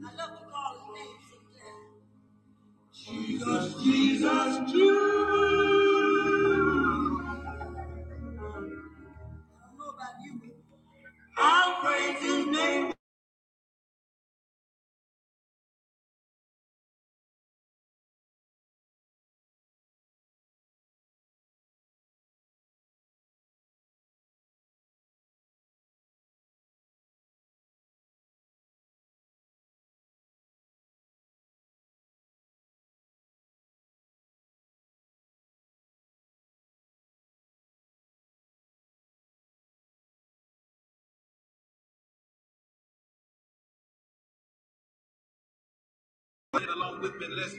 I love to call his name sometimes. I don't know about you, I'll praise him. Let along with me, let's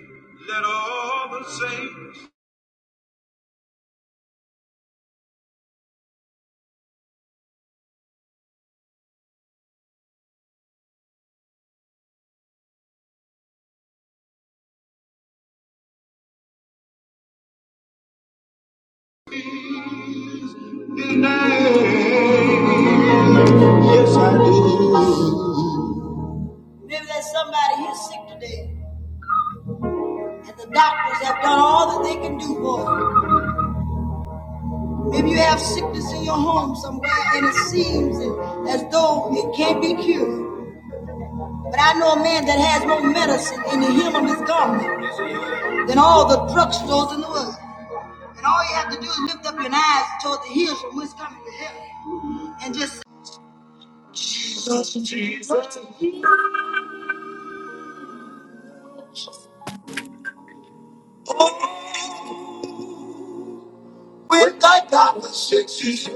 let all the saints. Maybe there's somebody here sick today, and the doctors have done all that they can do for you. Maybe you have sickness in your home somewhere, and it seems as though it can't be cured. But I know a man that has more medicine in the hem of his garment than all the drugstores in the world. And all you have to do is lift up your eyes toward the hills from whence coming the help Oh, with thy God was six years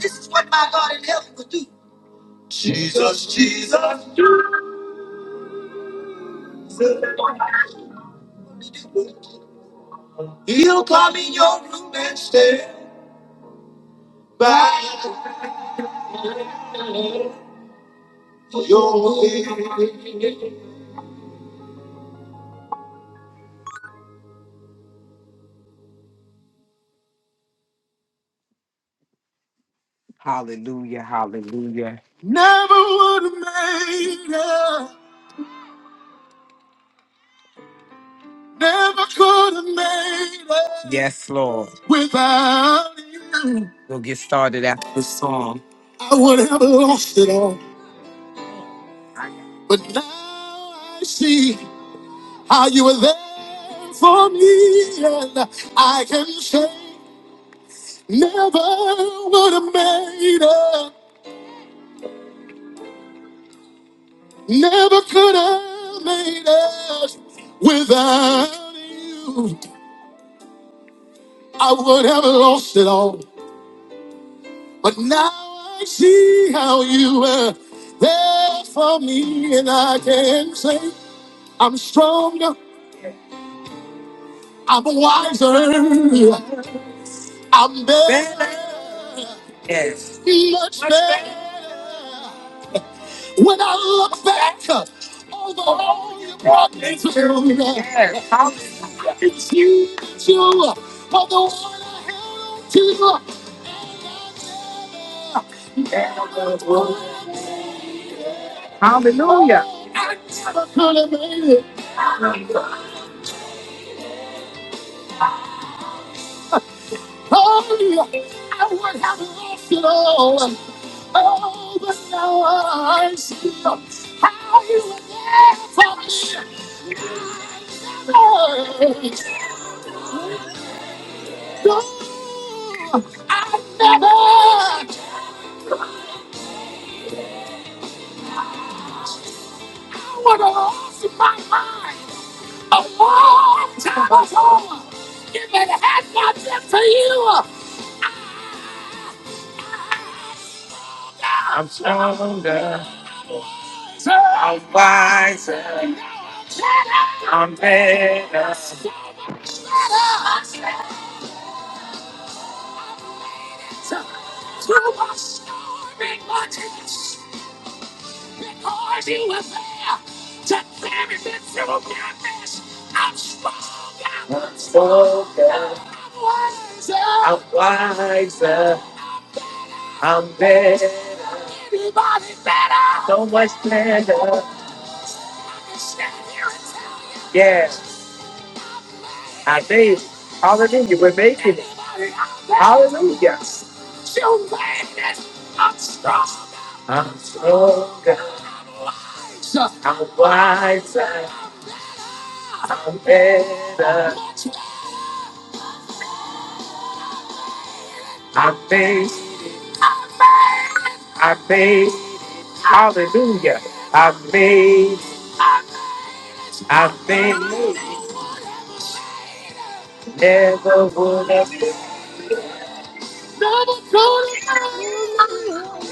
This is what my God in heaven would do. Jesus, Jesus, Jesus. He'll come in your room and stand by your head. Hallelujah, hallelujah. Never would have made it. Never could have made it. Yes, Lord. Without you. We'll get started after the song. I would have lost it all. But now I see how you were there for me. And I can say, never would have made it. Never could have made it without you. I would have lost it all. But now I see how you were there for me, and I can say I'm stronger, I'm wiser, I'm better, Yes. much Much better. better. When I look back over all you brought me through, Yes. I can see it's you, for the one I do. I am Hallelujah. I never could have made it. Oh, I would have loved it all. Oh, but now I see how you were there for me. made it. Oh, no, I never would have lost my mind a long time ago if it had not been for you. Soon I'm wiser, I'm better. Yeah, to my swimming, watching my tears, Oh God, I'm wiser, I'm better, so much better. Yeah, I think. Hallelujah, we're making it. Hallelujah. I'm stronger, I'm wiser, I'm better. I made, I made, hallelujah. I made, I made, never would have,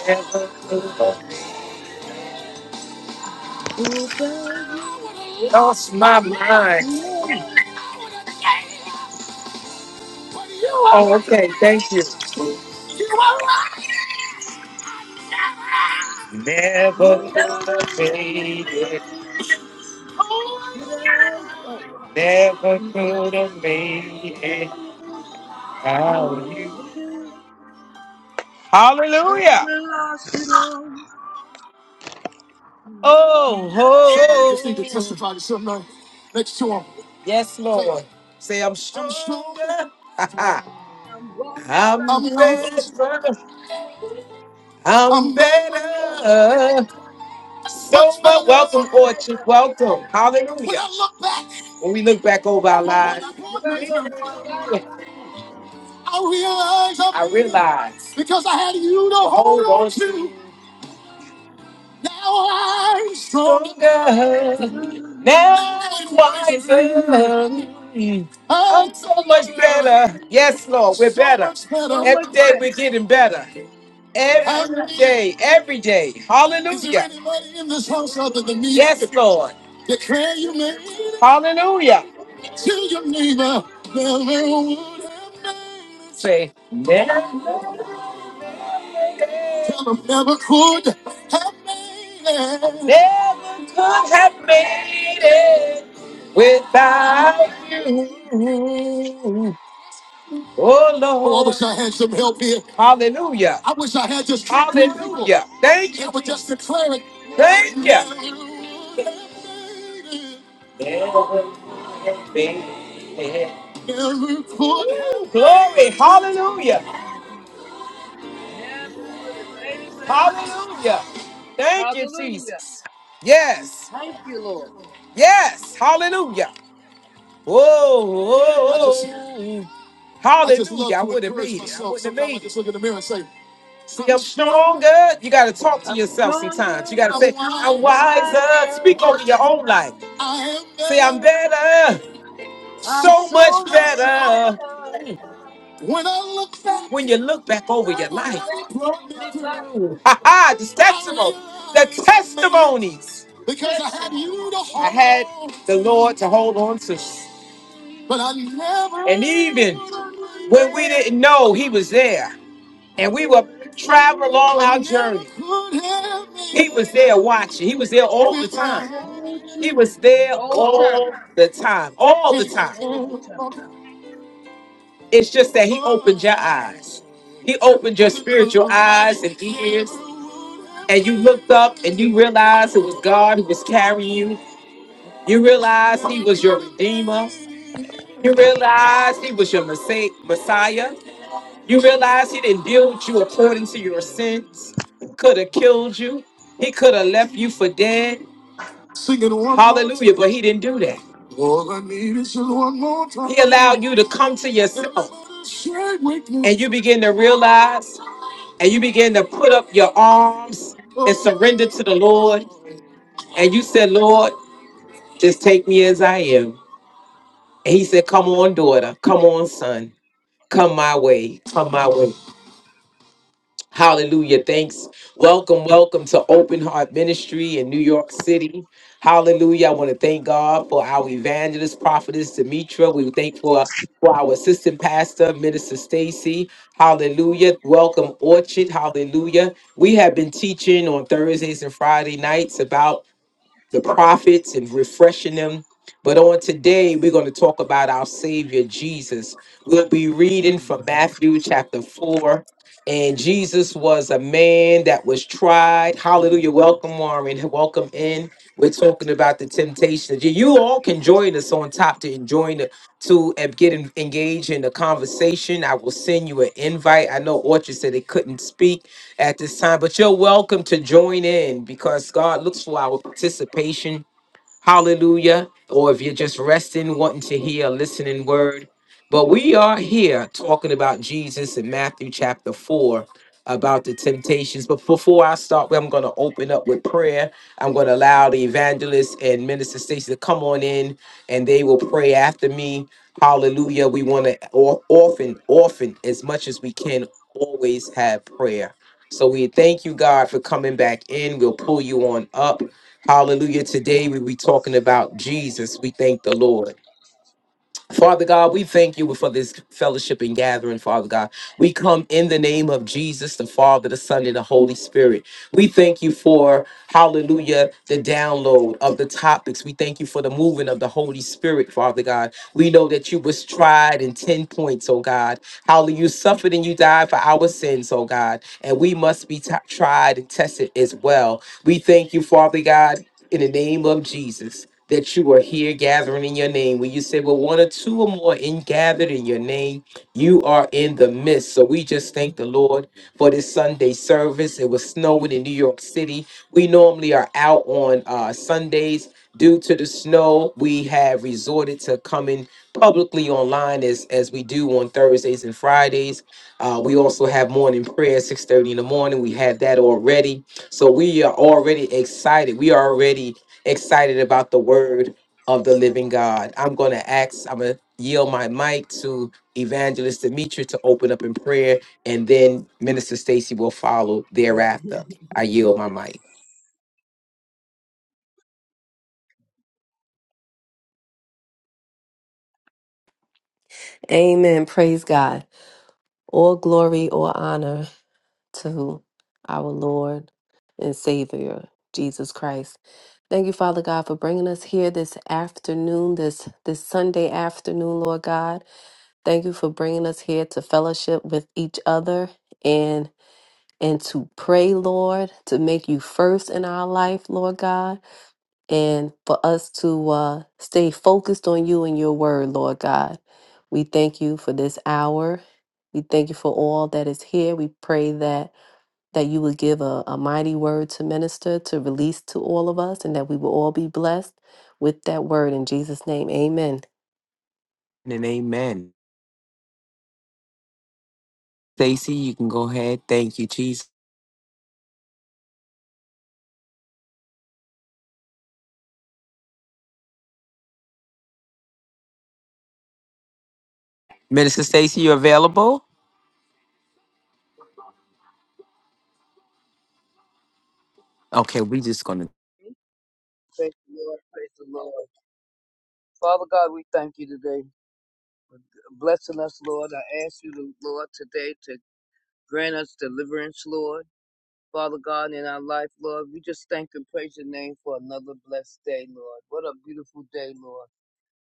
never could have. Without you, Lost my I mind. never Oh, okay. Thank you. Never would could have make made it. it. Without oh, Never could have made it. without you, How you? I would Hallelujah. lost it all. Now Oh, ho. Just need to testify to somebody next to him. Yes, Lord. Say, I'm stronger. I'm I'm wiser, better, I'm, better. I'm so better. So much much welcome, better. Orchard. Welcome. hallelujah. When Hallelujah. I look back When we look back over our Now lives, I'm back of I realize i realize because I had you to hold on to. Now I'm stronger. my life. Now I'm wiser. I'm so much better. Yes, Lord, we're better. So much Every day good. we're getting better. Yes. Every day, every day. Hallelujah. Is there anybody in this house other Hallelujah. than me? Yes, Lord. Declare you Yes. made it. Hallelujah. To your neighbor, never would have made it. Say, never Tell 'em never could have made it. Never could have made it without you. Oh Lord. Oh, I wish I had some help here. Hallelujah. I wish I had and just now I will Hallelujah. see Thank you, that would just Jesus. declare it. where I Thank you. could Amen. Never could have Woo, glory. Hallelujah. Never would have made it without you. Hallelujah. Thank you, Hallelujah. Jesus. Yes. Thank you, Lord. Yes, hallelujah. Whoa, I just, oh, hallelujah. I to wouldn't encourage made it. I myself. wouldn't have Sometimes I made it. just look in the mirror and say, I'm strong, stronger. You got to talk to I'm yourself sometimes. stronger, You got to I'm say, I'm wise, wiser. wiser, Speak over your own life. I am Say, I'm better, than better. So I'm so so much much much better." better. better. When I look back, When you look back When over I your look life, what back over my life, book. ha ha, the testimony, the testimonies. the because I had testimony. you to hold, I mm, had the Lord to. hold on to. But I never And even The one when we day didn't know he was there and we were without traveling you, along our journey, he was there watching. He was there all the time. without He you, was the there whole time, all the time, all the time. all the time. It's just that he opened your eyes. He opened your Mm, spiritual eyes and ears, and you looked up and you realized it was God who was carrying you. Okay. You realized he was your redeemer. You realized he was your Messa- Messiah. You realized he didn't deal with you according to your sins. Could have killed you. He could have left you for dead. Singing one more Hallelujah. But he didn't do that. All I need is just one more time. He allowed you to come to yourself another with me. and you begin to realize and you begin to put up your arms and surrender to the Lord. And you said, Lord, just take me as I am. And he said, Come on, daughter. Come on, son. Come my way. Come my way. Hallelujah. Thanks. Welcome, welcome to Open Heart Ministry in New York City. Hallelujah. I want to thank God for our evangelist, prophetess Demetra. We thank for for our assistant pastor, Minister Stacy. Hallelujah. Welcome, Orchard. Hallelujah. We have been teaching on Thursdays and Friday nights about the prophets and refreshing them. But on today, we're going to talk about our Savior Jesus. We'll be reading from Matthew chapter 4. And Jesus was a man that was tried. Hallelujah. Welcome, Warren. Welcome in. We're talking about the temptations. You you all can join us on top to join the, to uh, get en- engaged in the conversation. I will send you an invite. I know Orchard said they couldn't speak at this time. But you're welcome to join in because God looks for our participation Hallelujah. Or if you're just resting, wanting to hear a listening word. But we are here talking about Jesus in Matthew chapter 4 about the temptations. But before I start, I'm going to open up with prayer. I'm going to allow the evangelist and minister Stacy to come on in and they will pray after me. Hallelujah. We want to often, often, as much as we can, always have prayer. So we thank you, God, for coming back in. We'll pull you on up. Hallelujah. Today we be talking about Jesus. We thank the Lord. Father God, we thank you for this fellowship and gathering, Father God. We come in the name of Jesus, the Father, the Son, and the Holy Spirit. We thank you for, hallelujah, the download of the topics. We thank you for the moving of the Holy Spirit, Father God. We know that you was tried in 10 points, oh God. Hallelujah. You suffered and you died for our sins, oh God. And we must be t- tried and tested as well. We thank you, Father God in the name of Jesus that you are here gathering in your name. When you say, well, one or two or more in gathered in your name, you are in the midst. So we just thank the Lord for this Sunday service. It was snowing in New York City. We normally are out on uh, Sundays. Due to the snow, we have resorted to coming publicly online as, as we do on Thursdays and Fridays. Uh, we also have morning prayer, 6.30 in the morning. We had that already so we are already excited. We are already excited about the word of the living God. I'm going to ask, I'm going to yield my mic to Evangelist Demetri to open up in prayer, and then Minister Stacy will follow thereafter. I yield my mic. Amen. Praise God. All glory, all honor to our Lord and Savior, Jesus Christ. Thank you, Father God, for bringing us here this afternoon, this this Sunday afternoon, Lord God. Thank you for bringing us here to fellowship with each other and and to pray, Lord, to make you first in our life, Lord God and for us to uh, stay focused on you and your word, Lord God. We thank you for this hour. We thank you for all that is here. We pray that that you would give a, a mighty word to minister, to release to all of us, and that we will all be blessed with that word in Jesus' name. Amen. And amen. Stacy, you can go ahead. Thank you, Jesus. Minister Stacy, you available? Okay, we just going to Praise the Lord. Praise the Lord. Father God, we thank you today for blessing us, Lord. I ask you, Lord, today to Grant us deliverance, Lord. Father God, in our life, Lord, we just thank and praise your name for another blessed day, Lord. What a beautiful day, Lord.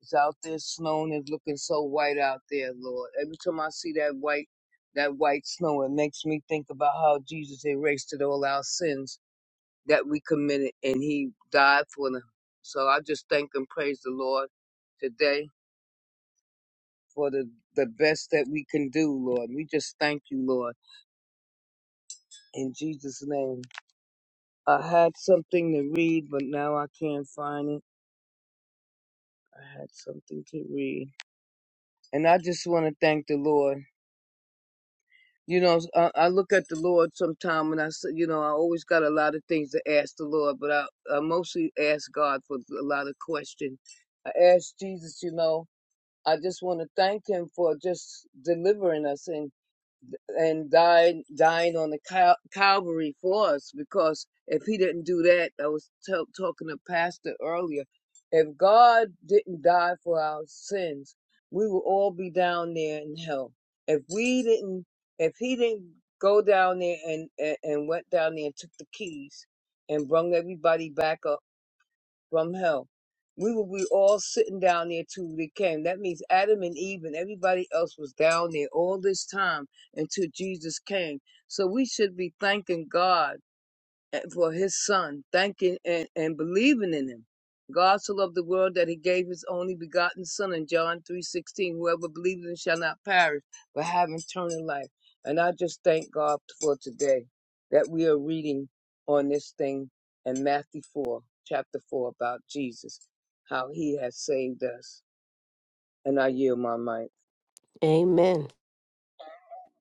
It's out there snowing. It's looking so white out there, Lord. Every time I see that white, that white snow, it makes me think about how Jesus erased it all our sins that we committed and he died for them. So I just thank and praise the Lord today for the, the best that we can do, Lord. We just thank you, Lord. In Jesus' name. I had something to read, but now I can't find it. I had something to read. And I just want to thank the Lord. You know, I, I look at the Lord sometime when I say, you know, I always got a lot of things to ask the Lord, but I, I mostly ask God for a lot of questions. I ask Jesus, you know, I just want to thank him for just delivering us and died dying on the Cal- Calvary for us because if he didn't do that, I was tell talking to Pastor earlier. If God didn't die for our sins, we would all be down there in hell. If we didn't, if he didn't go down there and and, and went down there and took the keys and brung everybody back up from hell. We will be all sitting down there till they came. That means Adam and Eve and everybody else was down there all this time until Jesus came. So we should be thanking God and for his son, thanking and, and believing in him. God so loved the world that he gave his only begotten son in John 3.16. Whoever believes in him shall not perish, but have eternal life. And I just thank God for today that we are reading on this thing in Matthew 4, chapter 4, about Jesus, how he has saved us. And I yield my mic. Amen.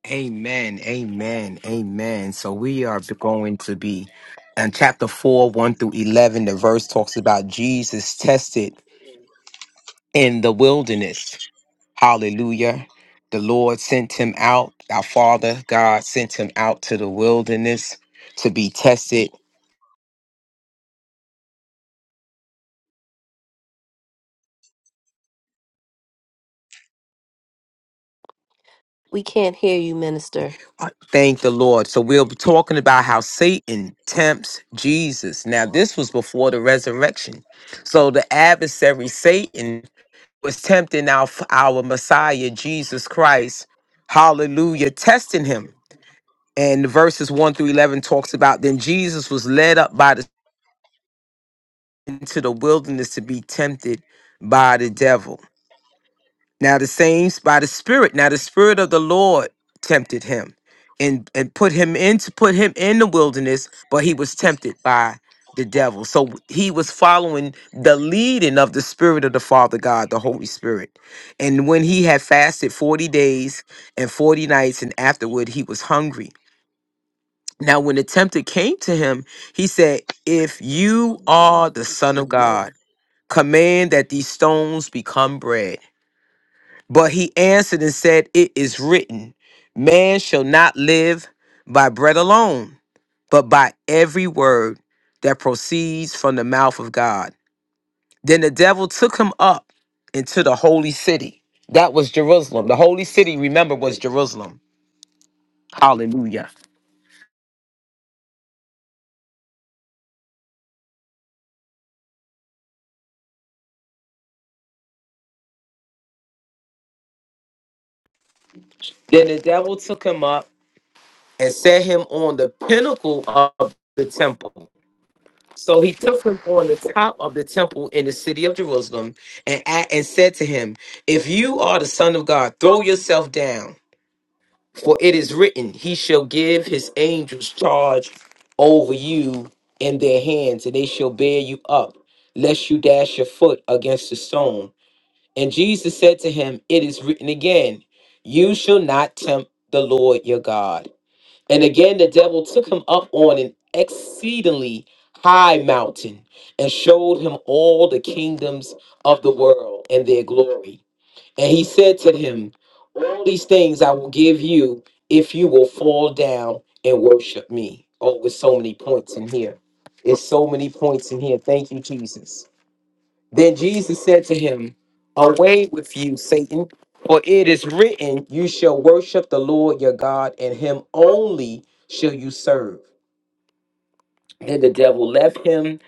Amen. Amen. Amen. So we are going to be in chapter 4, 1 through 11. The verse talks about Jesus tested in the wilderness. Hallelujah. The Lord sent him out. Our Father, God, sent him out to the wilderness to be tested. We can't hear you, minister. I Thank the Lord. So we'll be talking about how Satan tempts Jesus. Now, this was before the resurrection. So the adversary, Satan, was tempting our, our Messiah, Jesus Christ. Hallelujah. Testing him. And verses 1 through 11 talks about then Jesus was led up by the into the wilderness to be tempted by the devil. Now the same s- by the Spirit. Now the Spirit of the Lord tempted him and, and put him into put him in the wilderness, but he was tempted by the devil. So he was following the leading of the Spirit of the Father God, the Holy Spirit. And when he had fasted 40 days and 40 nights, and afterward he was hungry. Now, when the tempter came to him, he said, If you are the You Son said of no, God, we command that these stones become bread. But he answered and said, It is written, Man shall not live by bread alone, but by every word that proceeds from the mouth of God. Then the devil took him up into the holy city. That was Jerusalem. The holy city, remember, was Jerusalem. Hallelujah. Then the devil took him up and set him on the pinnacle of the temple So he took him on the top of the temple in the city of Jerusalem and, a- and said to him, If you are the Son of God, throw yourself down, for it is written, He shall give his angels charge over you in their hands, and they shall bear you up, lest you dash your foot against a stone. And Jesus said to him, It is written again, You shall not tempt the Lord your God. And again, the devil took him up on an exceedingly high mountain and showed him all the kingdoms of the world and their glory. And he said to him, All these things I will give you if you will fall down and worship me. Oh, with so many points in here. it's so many points in here. Thank you, Jesus. Then Jesus said to him, Away with you, Satan, for it is written, You shall worship the Lord your God, and him only shall you serve. Then the devil left him,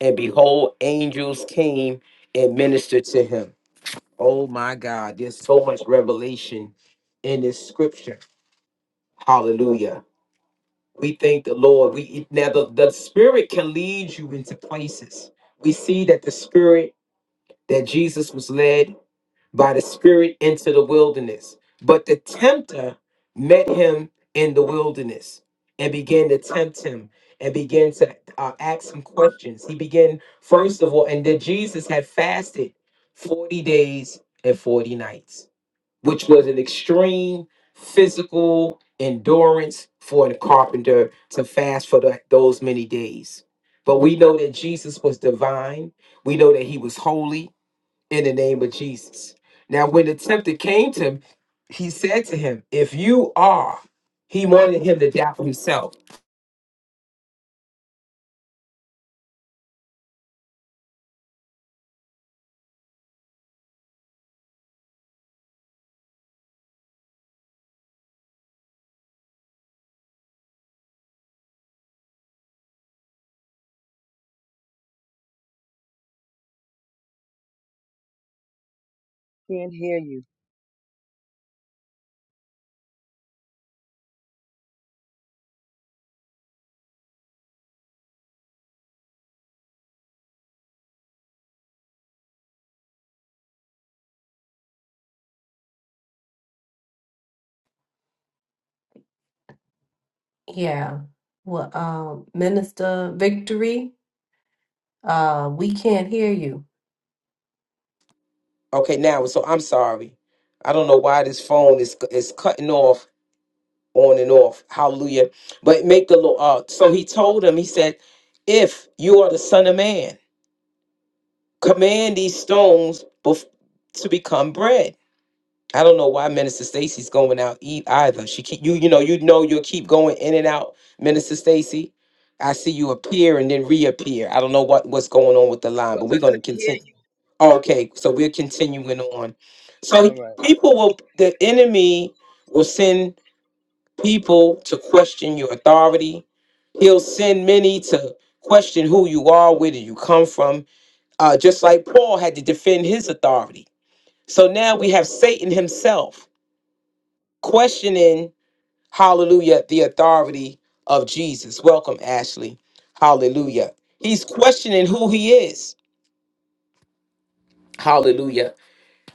and behold, angels came and ministered to him. Oh my God, there's so much revelation in this scripture. Hallelujah. We thank the Lord. We now the, the spirit can lead you into places. We see that the spirit that Jesus was led by the Spirit into the wilderness. But the tempter met him in the wilderness and began to tempt him and began to uh, ask him questions. He began, first of all, and then Jesus had fasted 40 days and 40 nights, which was an extreme physical endurance for a carpenter to fast for the, those many days. But we know that Jesus was divine. We know that he was holy in the name of Jesus. Now, when the tempter came to him, he said to him, If you are, he wanted him to doubt himself. can't hear you. Yeah. Well, um, Minister Victory, uh, we can't hear you. Okay, now, so I'm sorry. I don't know why this phone is is cutting off on and off. Hallelujah. But make the Lord. Uh, so he told him, he said, If you are the Son of Man, command these stones bef- to become bread. I don't know why Minister Stacy's going out eat either. She keep you, you know, you know you'll keep going in and out, Minister Stacy. I see you appear and then reappear. I don't know what, what's going on with the line, but Because I we're gonna couldn't hear continue. you. Okay, so we're continuing on. So All right. people will the enemy will send people to question your authority. He'll send many to question who you are, where do you come from. Uh, just like Paul had to defend his authority. So now we have Satan himself questioning, hallelujah, the authority of Jesus. Welcome, Ashley. Hallelujah. He's questioning who he is. Hallelujah.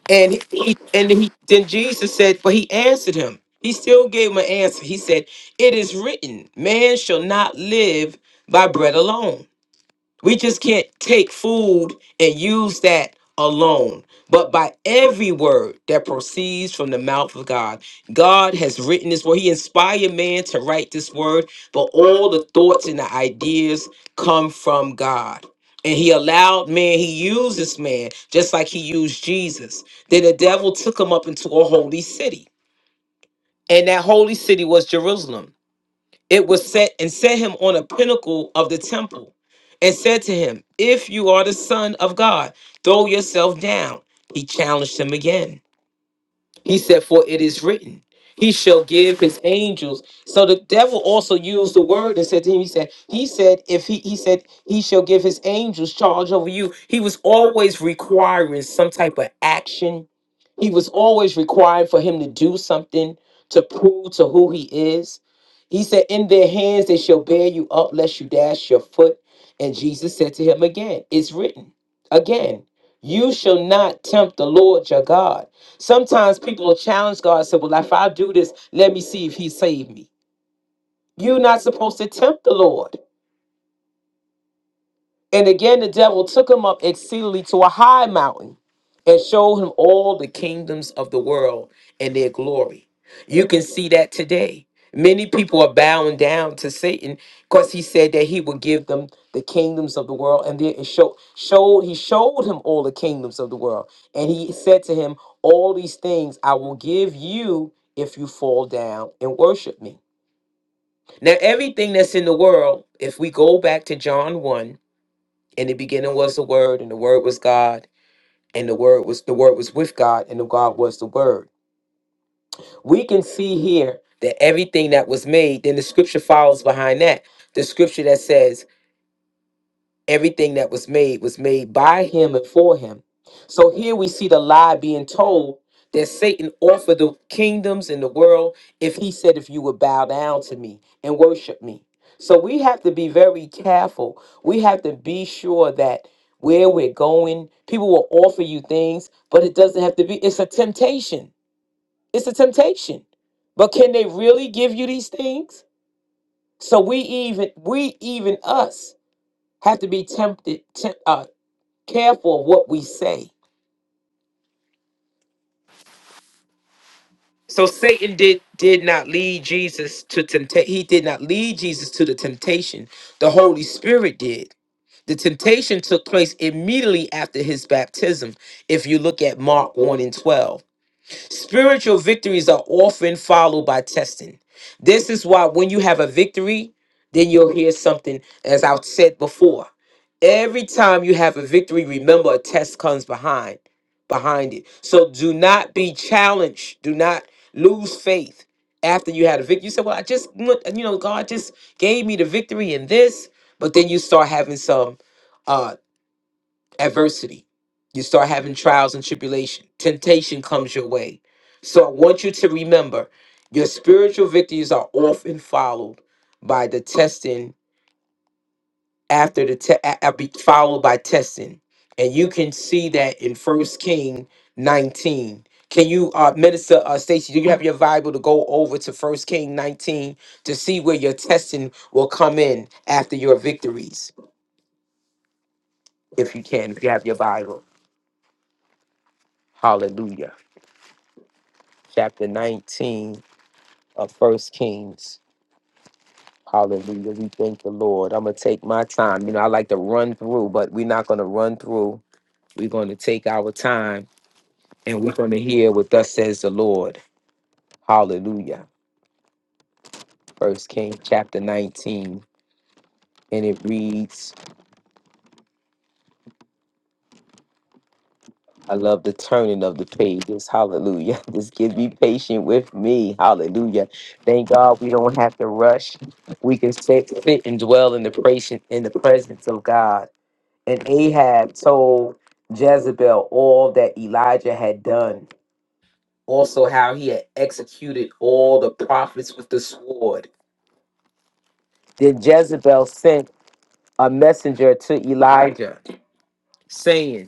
And he, and he, then Jesus said, but he answered him. He still gave him an answer. He said, It is written, man shall not live by bread alone. We just can't take food and use that alone. But by every word that proceeds from the mouth of God, God has written this word. He inspired man to write this word, but all the thoughts and the ideas come from God. And he allowed man, he uses man just like he used Jesus. Then the devil took him up into a holy city, and that holy city was Jerusalem. It was set and set him on a pinnacle of the temple and said to him, If you are the Son of God, throw yourself down. He challenged him again. He said, For it is written, He shall give his angels. So the devil also used the word and said to him, He said, He said, if he he said he shall give his angels charge over you. He was always requiring some type of action. He was always requiring for him to do something to prove to who he is. He said, In their hands they shall bear you up lest you dash your foot. And Jesus said to him again, It's written again, you shall not tempt the Lord your God. Sometimes people will challenge God and say, Well, if I do this, let me see if He saved me. You're not supposed to tempt the Lord. And again, the devil took him up exceedingly to a high mountain and showed him all the kingdoms of the world and their glory. You can see that today. Many people are bowing down to Satan because he said that he would give them the kingdoms of the world, and then it show, showed he showed him all the kingdoms of the world, and he said to him, "All these things I will give you if you fall down and worship me." Now, everything that's in the world, if we go back to John one, in the beginning was the Word, and the Word was God, and the Word was the Word was with God, and the God was the Word. We can see here that everything that was made. Then the scripture follows behind that. The scripture that says Everything that was made was made by him and for him. So here we see the lie being told that Satan offered the kingdoms in the world if he said, If you would bow down to me and worship me. So we have to be very careful. We have to be sure that where we're going, people will offer you things, but it doesn't have to be. It's a temptation. It's a temptation. But can they really give you these things? So we even we even us have to be tempted careful of what we say. So Satan did did not lead Jesus to temptation. He did not lead Jesus to the temptation. The Holy Spirit did. The temptation took place immediately after his baptism. If you look at Mark 1 and 12. Spiritual victories are often followed by testing. This is why when you have a victory, then you'll hear something, as I've said before. Every time you have a victory, remember a test comes behind behind it. So do not be challenged. Do not lose faith after you had a victory. You said, Well, I just want- you know, God just gave me the victory in this, but then you start having some uh, adversity. You start having trials and tribulation. Temptation comes your way. So I want you to remember your spiritual victories are often followed by the testing after the te- a- a- be followed by testing. And you can see that in First King 19. Can you uh minister uh Stacy, do you have your Bible to go over to First King 19 to see where your testing will come in after your victories? If you can, if you have your Bible. Hallelujah. chapter 19 of First Kings. Hallelujah. We thank the Lord. I'm going to take my time. You know, I like to run through, but we're not going to run through. We're going to take our time and we're going to hear what thus says the Lord. Hallelujah. First Kings chapter 19. And it reads, I love the turning of the pages. Hallelujah. Just give me patient with me. Hallelujah. Thank God we don't have to rush. We can sit, sit and dwell in the presence in the presence of God. And Ahab told Jezebel all that Elijah had done, also how he had executed all the prophets with the sword. Then Jezebel sent a messenger to Elijah, saying,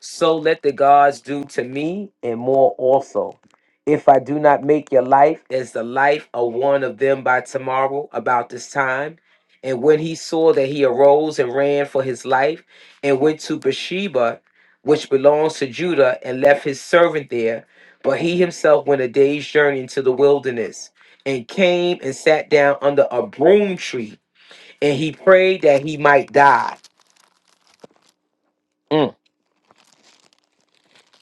So let the gods do to me and more also. If I do not make your life as the life of one of them by tomorrow about this time. And when he saw that he arose and ran for his life and went to Beersheba, which belongs to Judah, and left his servant there. But he himself went a day's journey into the wilderness and came and sat down under a broom tree. And he prayed that he might die. Mm.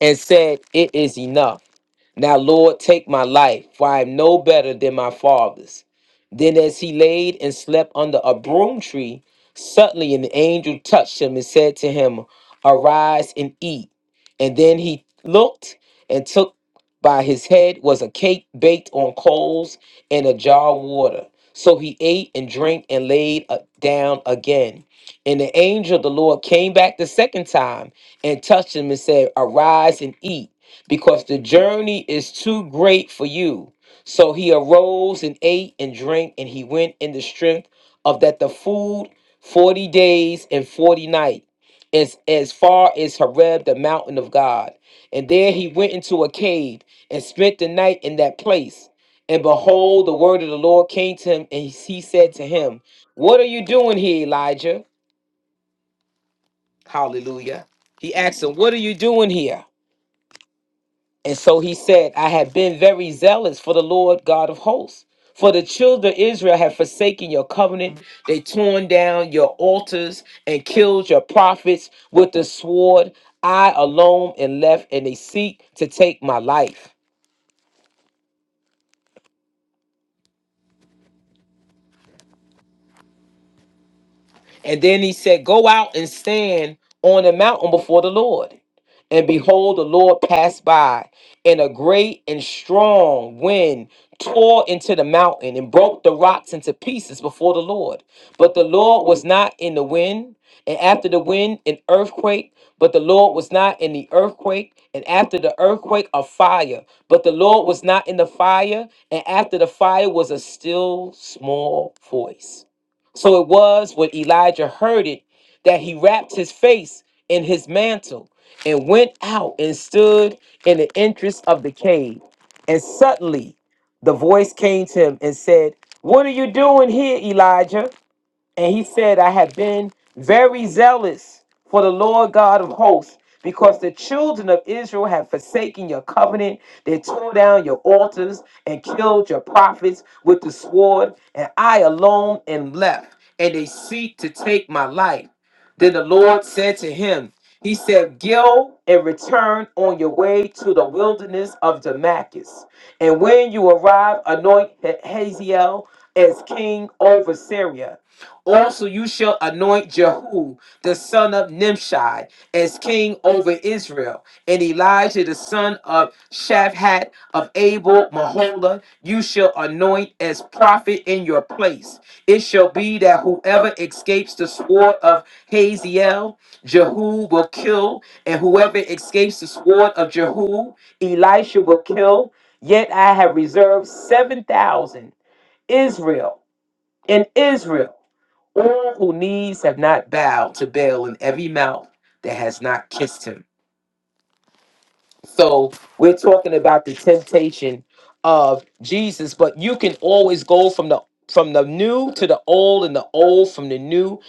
and said, It is enough. Now, Lord, take my life, for I am no better than my fathers. Then, as he laid and slept under a broom tree, suddenly an angel touched him and said to him, Arise and eat. And then he looked and took by his head was a cake baked on coals and a jar of water. So he ate and drank and laid uh, down again. And the angel of the Lord came back the second time and touched him and said, Arise and eat, because the journey is too great for you. So he arose and ate and drank, and he went in the strength of that the food forty days and forty nights, as, as far as Horeb, the mountain of God. And there he went into a cave and spent the night in that place. And behold, the word of the Lord came to him, and he said to him, What are you doing here, Elijah? Hallelujah. He asked him, What are you doing here? And so he said, I have been very zealous for the Lord God of hosts. For the children of Israel have forsaken your covenant. They torn down your altars and killed your prophets with the sword. I alone am left, and they seek to take my life. And then he said, Go out and stand on the mountain before the Lord. And behold, the Lord passed by, and a great and strong wind tore into the mountain and broke the rocks into pieces before the Lord. But the Lord was not in the wind, and after the wind, an earthquake. But the Lord was not in the earthquake, and after the earthquake, a fire. But the Lord was not in the fire, and after the fire was a still small voice. So it was when Elijah heard it that he wrapped his face in his mantle and went out and stood in the entrance of the cave. And suddenly the voice came to him and said, What are you doing here, Elijah? And he said, I have been very zealous for the Lord God of hosts, because the children of Israel have forsaken your covenant. They tore down your altars and killed your prophets with the sword, and I alone am left, and they seek to take my life. Then the Lord said to him, He said, Go and return on your way to the wilderness of Damascus. And when you arrive, anoint Hazael as king over Syria also, you shall anoint Jehu, the son of Nimshi, as king over Israel, and Elijah, the son of Shaphat of Abel Mahola, you shall anoint as prophet in your place. It shall be that whoever escapes the sword of Haziel, Jehu will kill, and whoever escapes the sword of Jehu, Elisha will kill. Yet I have reserved 7,000 Israel in Israel. All who knees have not bowed to Baal, and every mouth that has not kissed him. So we're talking about the temptation of Jesus, but you can always go from the from the new to the old and the old from the new.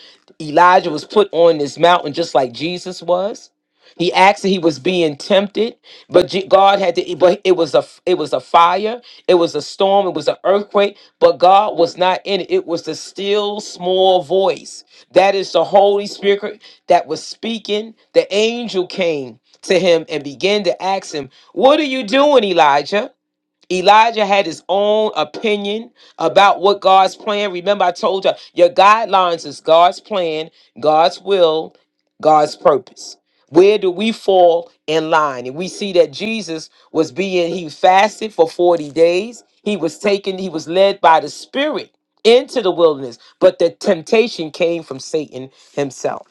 Elijah was put on this mountain just like Jesus was. He asked that he was being tempted, but Je- God had to but it was a it was a fire, it was a storm, it was an earthquake, but God was not in it. It was the still small voice. That is the Holy Spirit that was speaking. The angel came to him and began to ask him, What are you doing, Elijah? Elijah had his own opinion about what God's plan. Remember, I told you your guidelines is God's plan, God's will, God's purpose. Where do we fall in line? And we see that Jesus was being, he fasted for 40 days. He was taken, he was led by the Spirit into the wilderness, but the temptation came from Satan himself.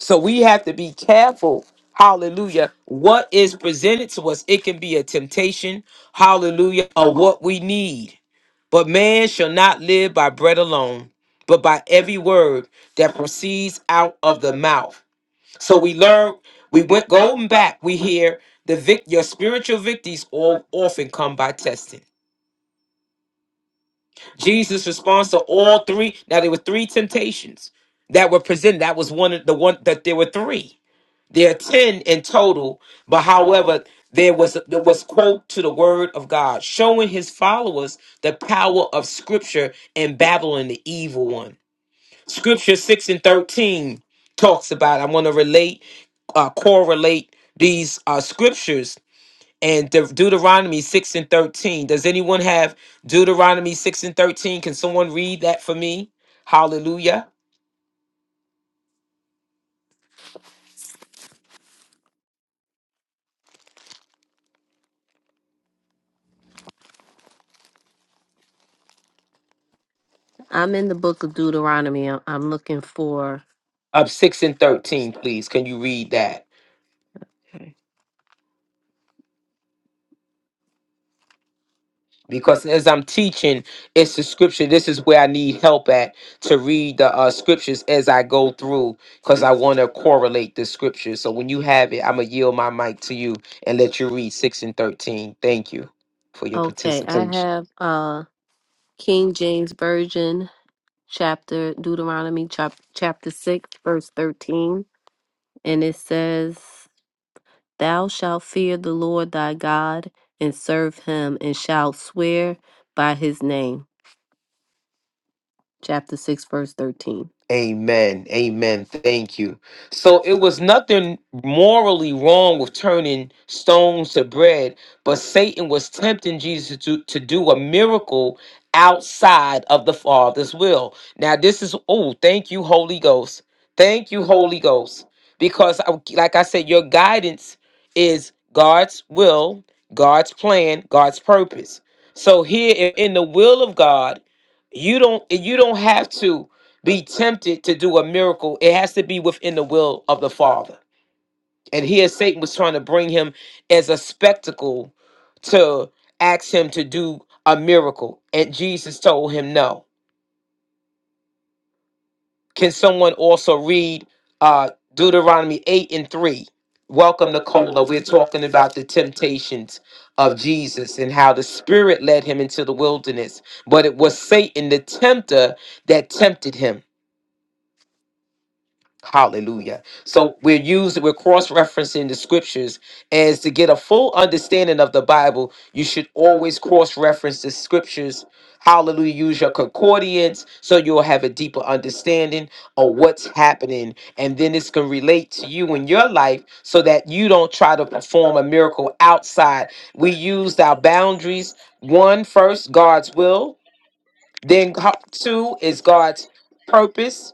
So we have to be careful. Hallelujah. What is presented to us, it can be a temptation. Hallelujah. Of what we need. But man shall not live by bread alone, but by every word that proceeds out of the mouth. So we learn, we went going back, we hear the vic your spiritual victories all often come by testing. Jesus responds to all three. Now there were three temptations that were presented. That was one of the one that there were three. There are 10 in total, but however, there was there was quote to the word of God, showing his followers the power of scripture and battling the evil one. Scripture 6 and 13 talks about I want to relate uh correlate these uh scriptures and De- Deuteronomy 6 and 13. Does anyone have Deuteronomy 6 and 13? Can someone read that for me? Hallelujah. I'm in the book of Deuteronomy. I'm, I'm looking for. Up 6 and 13, please. Can you read that? because as I'm teaching, it's the scripture. This is where I need help at to read the uh, scriptures as I go through because I want to correlate the scriptures. So when you have it, I'm going to yield my mic to you and let you read 6 and 13. Thank you for your Okay, I participation. have uh King James Version chapter Deuteronomy chap, chapter 6 verse 13 and it says thou shalt fear the Lord thy God and serve him and shalt swear by his name chapter 6 verse 13 Amen. Amen. Thank you. So it was nothing morally wrong with turning stones to bread, but Satan was tempting Jesus to, to do a miracle outside of the Father's will. Now, this is, oh, thank you, Holy Ghost. Thank you, Holy Ghost. Because, I- like I said, your guidance is God's will, God's plan, God's purpose. So here in in the will of God, you don't you don't have to be tempted to do a miracle, it has to be within the will of the Father. And here Satan was trying to bring him as a spectacle to ask him to do a miracle. And Jesus told him no. Can someone also read uh, Deuteronomy 8 and 3? Welcome, Nicola. We're talking about the temptations of Jesus and how the Spirit led him into the wilderness. But it was Satan, the tempter, that tempted him. Hallelujah. So we're using, we're cross referencing the scriptures. As to get a full understanding of the Bible, you should always cross reference the scriptures. Hallelujah. Use your concordance so you'll have a deeper understanding of what's happening. And then this can relate to you in your life so that you don't try to perform a miracle outside. We used our boundaries. One, first, God's will. Then, ho- two, is God's purpose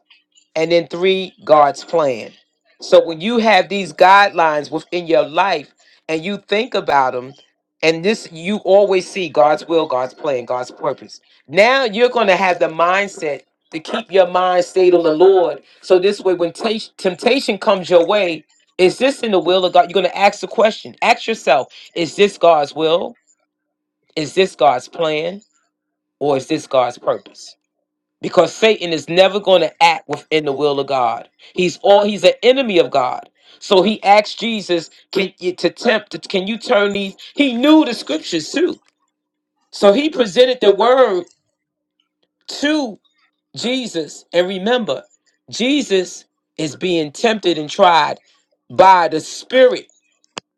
and then three, God's plan. So when you have these guidelines within your life and you think about them, and this you always see God's will, God's plan, God's purpose. Now you're going to have the mindset to keep your mind stayed on the Lord. So this way, when ta- temptation comes your way, is this in the will of God? You're going to ask the question. Ask yourself, is this God's will? Is this God's plan? Or is this God's purpose? because Satan is never going to act within the will of God. He's all he's an enemy of God. So he asked Jesus, "Can you to tempt? to- Can you turn these?" He knew the scriptures too, so he presented the word to Jesus. And remember, Jesus is being tempted and tried by the Spirit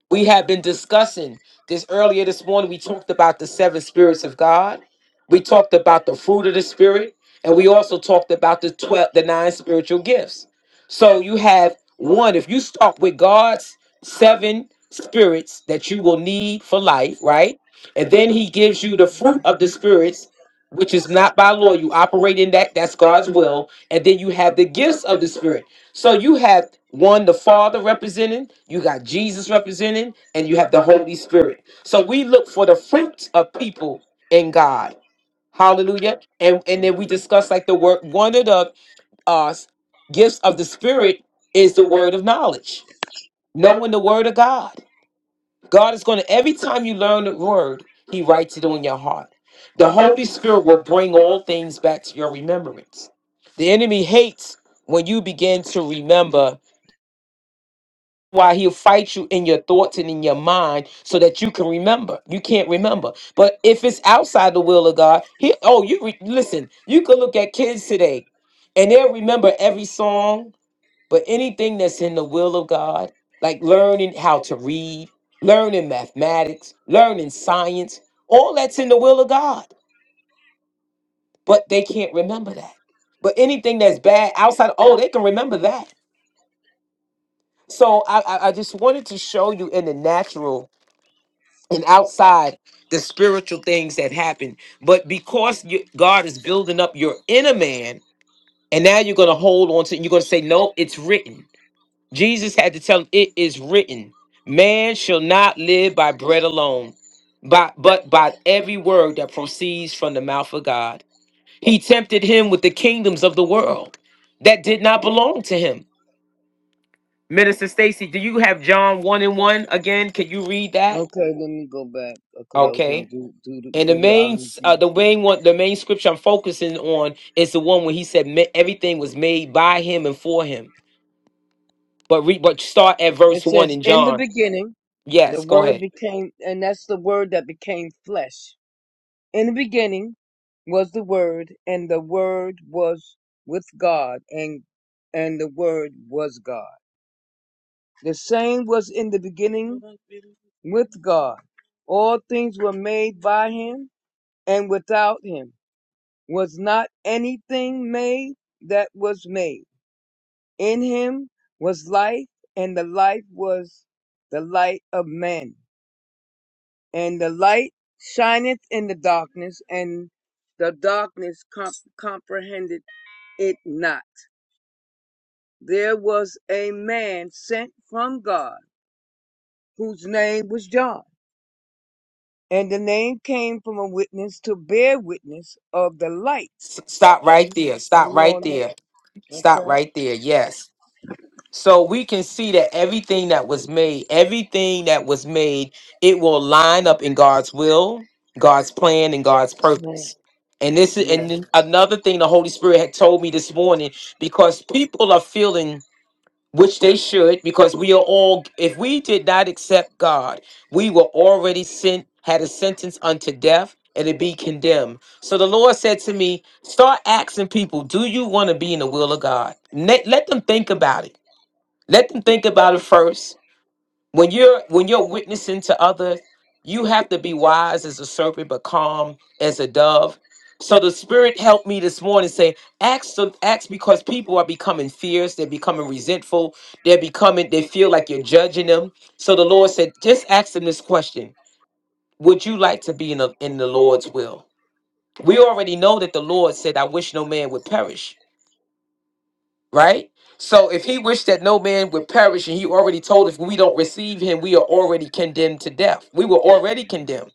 we have been discussing this earlier this morning. We talked about the seven spirits of God. We talked about the fruit of the spirit, and we also talked about the twelve, the nine spiritual gifts. So you have one. If you start with God's seven spirits that you will need for life, right? And then He gives you the fruit of the spirits, which is not by law. You operate in that. That's God's will. And then you have the gifts of the spirit. So you have one, the Father representing, you got Jesus representing, and you have the Holy Spirit. So we look for the fruit of people in God. Hallelujah. And and then we discuss like the word one of the uh gifts of the spirit is the word of knowledge. Knowing the word of God. God is gonna every time you learn the word, he writes it on your heart. The Holy Spirit will bring all things back to your remembrance. The enemy hates when you begin to remember why he'll fight you in your thoughts and in your mind so that you can remember. You can't remember. But if it's outside the will of God, he oh, you re, listen, you can look at kids today and they'll remember every song, but anything that's in the will of God, like learning how to read, learning mathematics, learning science, all that's in the will of God, but they can't remember that. But anything that's bad outside, oh, they can remember that. So I, I I just wanted to show you in the natural and outside the spiritual things that happen. But because you, God is building up your inner man, and now you're going to hold on to it. you're going to say, No, it's written. Jesus had to tell him, It is written. Man shall not live by bread alone, but, but by every word that proceeds from the mouth of God. He tempted him with the kingdoms of the world that did not belong to him. Minister Stacy, do you have John 1 and 1 again? Can you read that? Okay, let me go back because I was Okay. in Deut- Deut- And the main, Deuteronomy. uh, the main one, the main scripture I'm focusing on is the one where he said "Ma- everything was made by him and for him. But re, but start at verse It one says, in "In the John. beginning, the Yes, go Word ahead. became, and that's the Word that became flesh. In the beginning was the Word, and the Word was with God, and and the Word was God. The same was in the beginning with God. All things were made by Him, and without Him was not anything made that was made." In him was life, and the life was the light of men. And the light shineth in the darkness, and the darkness com- comprehended it not. There was a man sent from God, whose name was John. And the name came from a witness to bear witness of the light. S- stop right there. And Stop we right all know. there. Stop Okay. right there. Yes. So we can see that everything that was made, everything that was made, it will line up in God's will, God's plan, and God's purpose. And this is Yes. and another thing the Holy Spirit had told me this morning because people are feeling which they should because we are all if we did not accept god we were already sent had a sentence unto death and to be condemned so the lord said to me start asking people do you want to be in the will of god let, let them think about it let them think about it first when you're when you're witnessing to others you have to be wise as a serpent but calm as a dove so the spirit helped me this morning say ask the ask because people are becoming fierce they're becoming resentful they're becoming they feel like you're judging them so the lord said just ask them this question would you like to be in the in the lord's will we already know that the lord said i wish no man would perish right? So if he wished that no man would perish, and he already told us we don't receive him, we are already condemned to death. We were already condemned.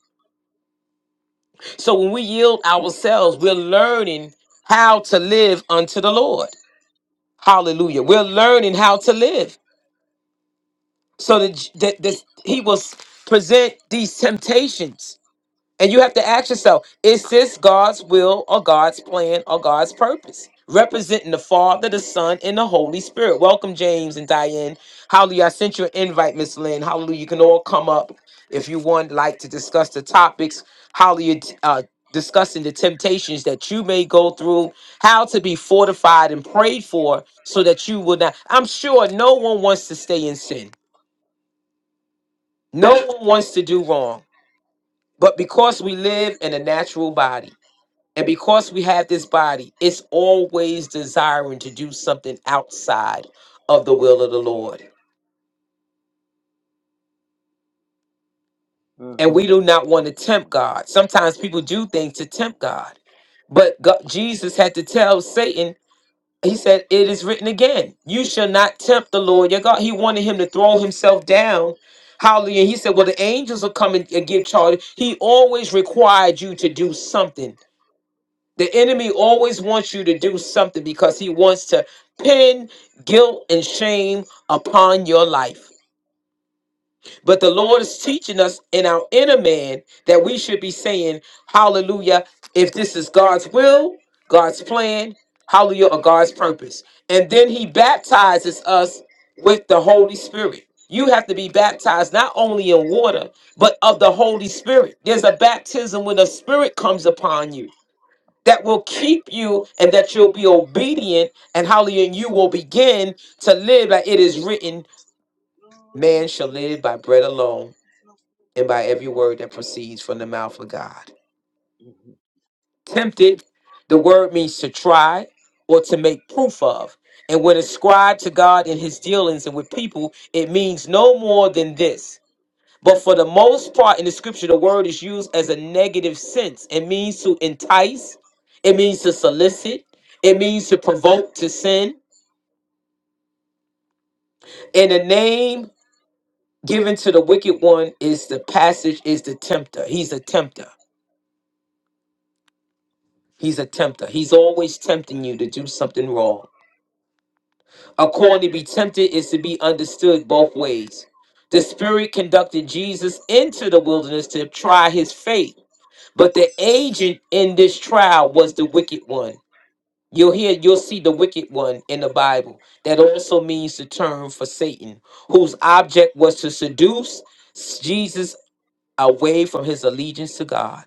So when we yield ourselves, we're learning how to live unto the Lord. Hallelujah. We're learning how to live. So that, that, that he will s- present these temptations And you have to ask yourself is this God's will or God's plan or God's purpose? Representing the Father, the Son, and the Holy Spirit. Welcome, James and Diane. Hallelujah. I sent you an invite, Miss Lynn. Hallelujah. You can all come up if you want, like to discuss the topics. Hallelujah. Uh, discussing the temptations that you may go through, how to be fortified and prayed for so that you will not. I'm sure no one wants to stay in sin, no one wants to do wrong. But because we live in a natural body, and because we have this body, it's always desiring to do something outside of the will of the Lord. Mm, And we do not want to tempt God. Sometimes people do things to tempt God. But God, Jesus had to tell Satan, he said, It is written again, you shall not tempt the Lord your God. He wanted him to throw himself down. Hallelujah. He said, Well, the angels will come and, and give charge. He always required you to do something The enemy always wants you to do something because he wants to pin guilt and shame upon your life. But the Lord is teaching us in our inner man that we should be saying, Hallelujah, if this is God's will, God's plan, Hallelujah, or God's purpose. And then he baptizes us with the Holy Spirit. You have to be baptized not only in water, but of the Holy Spirit. There's a baptism when the Spirit comes upon you that will keep you and that you'll be obedient and hallelujah and you will begin to live like it is written man shall live by bread alone and by every word that proceeds from the mouth of god tempted the word means to try or to make proof of and when ascribed to god in his dealings and with people it means no more than this But for the most part in the scripture, the word is used as a negative sense. It means to entice, it means to solicit, it means to provoke to sin. And the name given to the wicked one is the passage, is the tempter. He's a tempter. He's a tempter. He's always tempting you to do something wrong. According to be tempted is to be understood both ways. The Spirit conducted Jesus into the wilderness to try his faith, but the agent in this trial was the wicked one You'll hear, you'll see the wicked one in the Bible. That also means the term for Satan, whose object was to seduce Jesus away from his allegiance to God.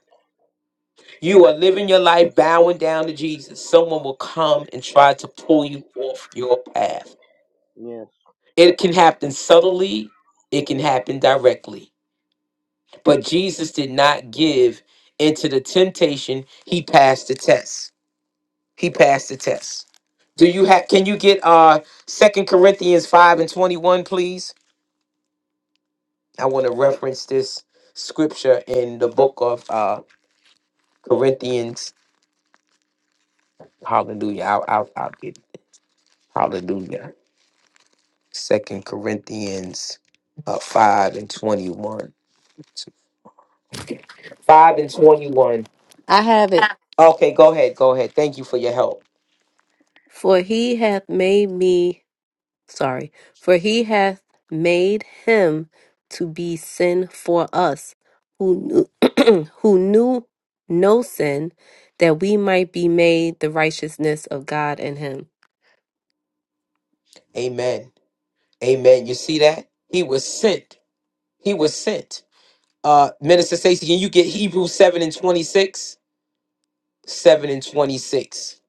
You are living your life bowing down to Jesus. Someone will come and try to pull you off your path. yes. It can happen subtly, it can happen directly. But Jesus did not give into the temptation, he passed the test. He passed the test. Do you have can you get uh Second Corinthians 5 and 21, please? I want to reference this scripture in the book of uh Corinthians. Hallelujah. I'll I'll, I'll get it. Hallelujah. Second Corinthians uh, 5 and 21. 5 and 21. I have it Okay, go ahead. Go ahead. Thank you for your help. for he hath made me sorry, for he hath made him to be sin for us, who knew, who knew no sin, that we might be made the righteousness of God in him. Amen. Amen. You see that? He was sent. He was sent. Uh, Minister Stacy, can you get Hebrews 7 and 26? 7 and 26.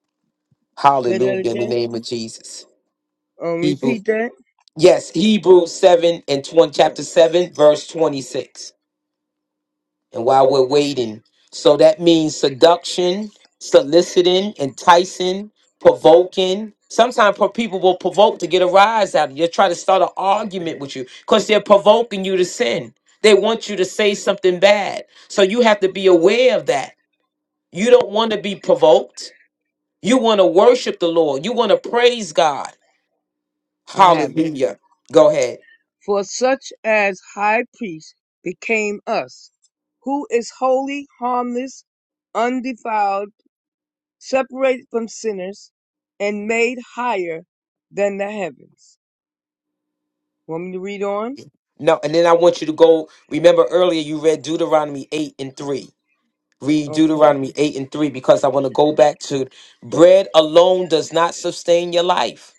Say that Hallelujah in the again. name of Jesus. Um, Hebrew. repeat that. Yes, Hebrews 7 and 20, Oh, chapter 7, verse 26. And while we're waiting, so that means seduction, soliciting, enticing, provoking. Sometimes people will provoke to get a rise out of you. they try to start an argument with you because they're provoking you to sin. They want you to say something bad. So you have to be aware of that You don't want to be provoked. You want to worship the Lord. You want to praise God. I have it. Hallelujah. Go ahead. For such as high priest became us, who is holy, harmless, undefiled, separated from sinners, and made higher than the heavens. Want me to read on? No, and then I want you to go. Remember earlier you read Deuteronomy 8 and 3. Read Okay, Deuteronomy 8 and 3 because I want to go back to bread alone does not sustain your life.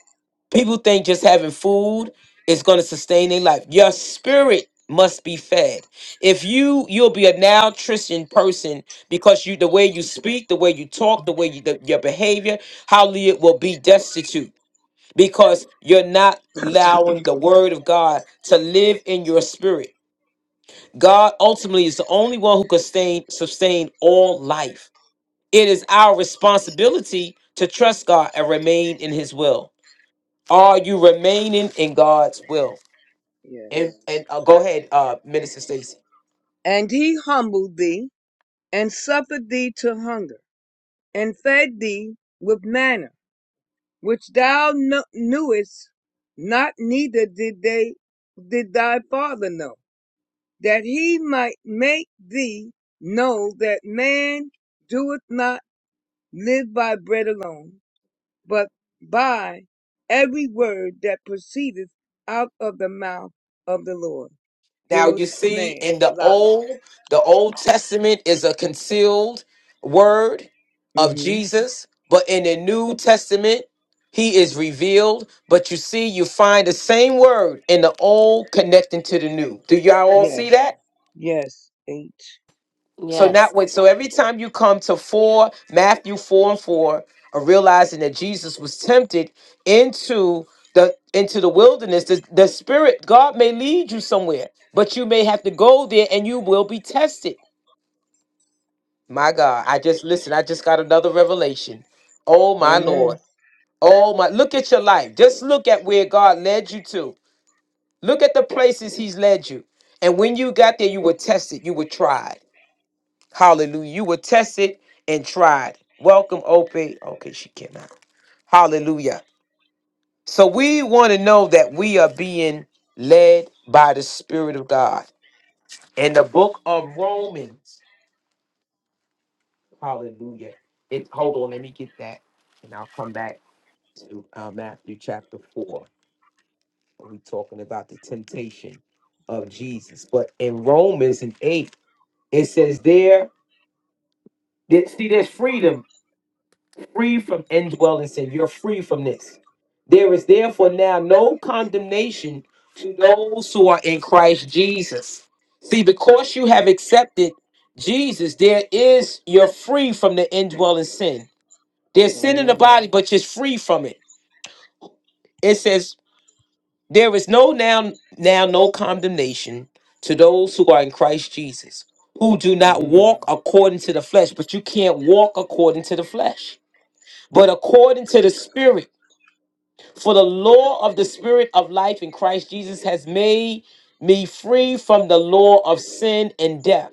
People think just having food is going to sustain their life. Your spirit must be fed. If you you'll be a nutrition person because you the way you speak, the way you talk, the way you the, your behavior, hallelujah, will be destitute because you're not allowing the word of God to live in your spirit. God ultimately is the only one who can sustain sustain all life. It is our responsibility to trust God and remain in His will. Are you remaining in God's will? And yes. and uh, go ahead, uh, Minister Stacy. And he humbled thee, and suffered thee to hunger, and fed thee with manna, which thou knewest not, neither did they did thy father know that he might make thee know that man doeth not live by bread alone, but by every word that proceedeth out of the mouth of the Lord Now doeth you see, man in the live. old, the Old Testament is a concealed word of hmm Jesus, but in the New Testament, He is revealed. But you see, you find the same word in the old connecting to the new. Do y'all all see Yes, that? yes, H. So Yes, that way, so every time you come to four, Matthew four and four, are realizing that Jesus was tempted into the into the wilderness, the, the spirit, God may lead you somewhere, but you may have to go there and you will be tested. My God, I just listen, I just got another revelation. Oh my Amen. Lord. Oh my look at your life. Just look at where God led you to. Look at the places He's led you. And when you got there, you were tested, you were tried. Hallelujah. You were tested and tried. Welcome, Ope. Okay, she cannot. Hallelujah. So we want to know that we are being led by the Spirit of God. In the book of Romans. Hallelujah. It hold on, let me get that. And I'll come back to uh, Matthew chapter 4. We're talking about the temptation of Jesus. But in Romans and 8, it says there, that- see, there's freedom free from indwelling sin. You're free from this. There is therefore now no condemnation to those who are in Christ Jesus. See, because you have accepted Jesus, there is you're free from the indwelling sin. There's sin in the Amen. body, but you're free from it. It says there is no now now no condemnation to those who are in Christ Jesus, who do not hmm walk according to the flesh. But you can't walk according to the flesh, but according to the Spirit. For the law of the Spirit of life in Christ Jesus has made me free from the law of sin and death.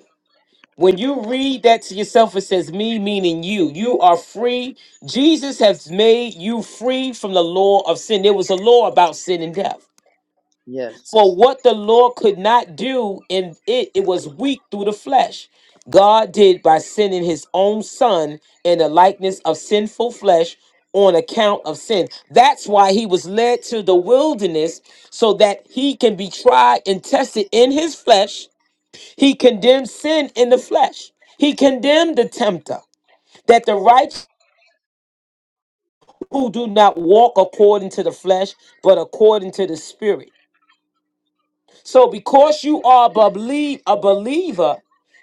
When you read that to yourself, it says me, meaning you. You are free. Jesus has made you free from the law of sin. There was a law about sin and death. Yes, For what the law could not do in it, it was weak through the flesh. God did by sending his own son in the likeness of sinful flesh on account of sin. That's why he was led to the wilderness so that he can be tried and tested in his flesh. He condemned sin in the flesh. He condemned the tempter that the righteous who do not walk according to the flesh, but according to the spirit. So because you are a belie- a believer,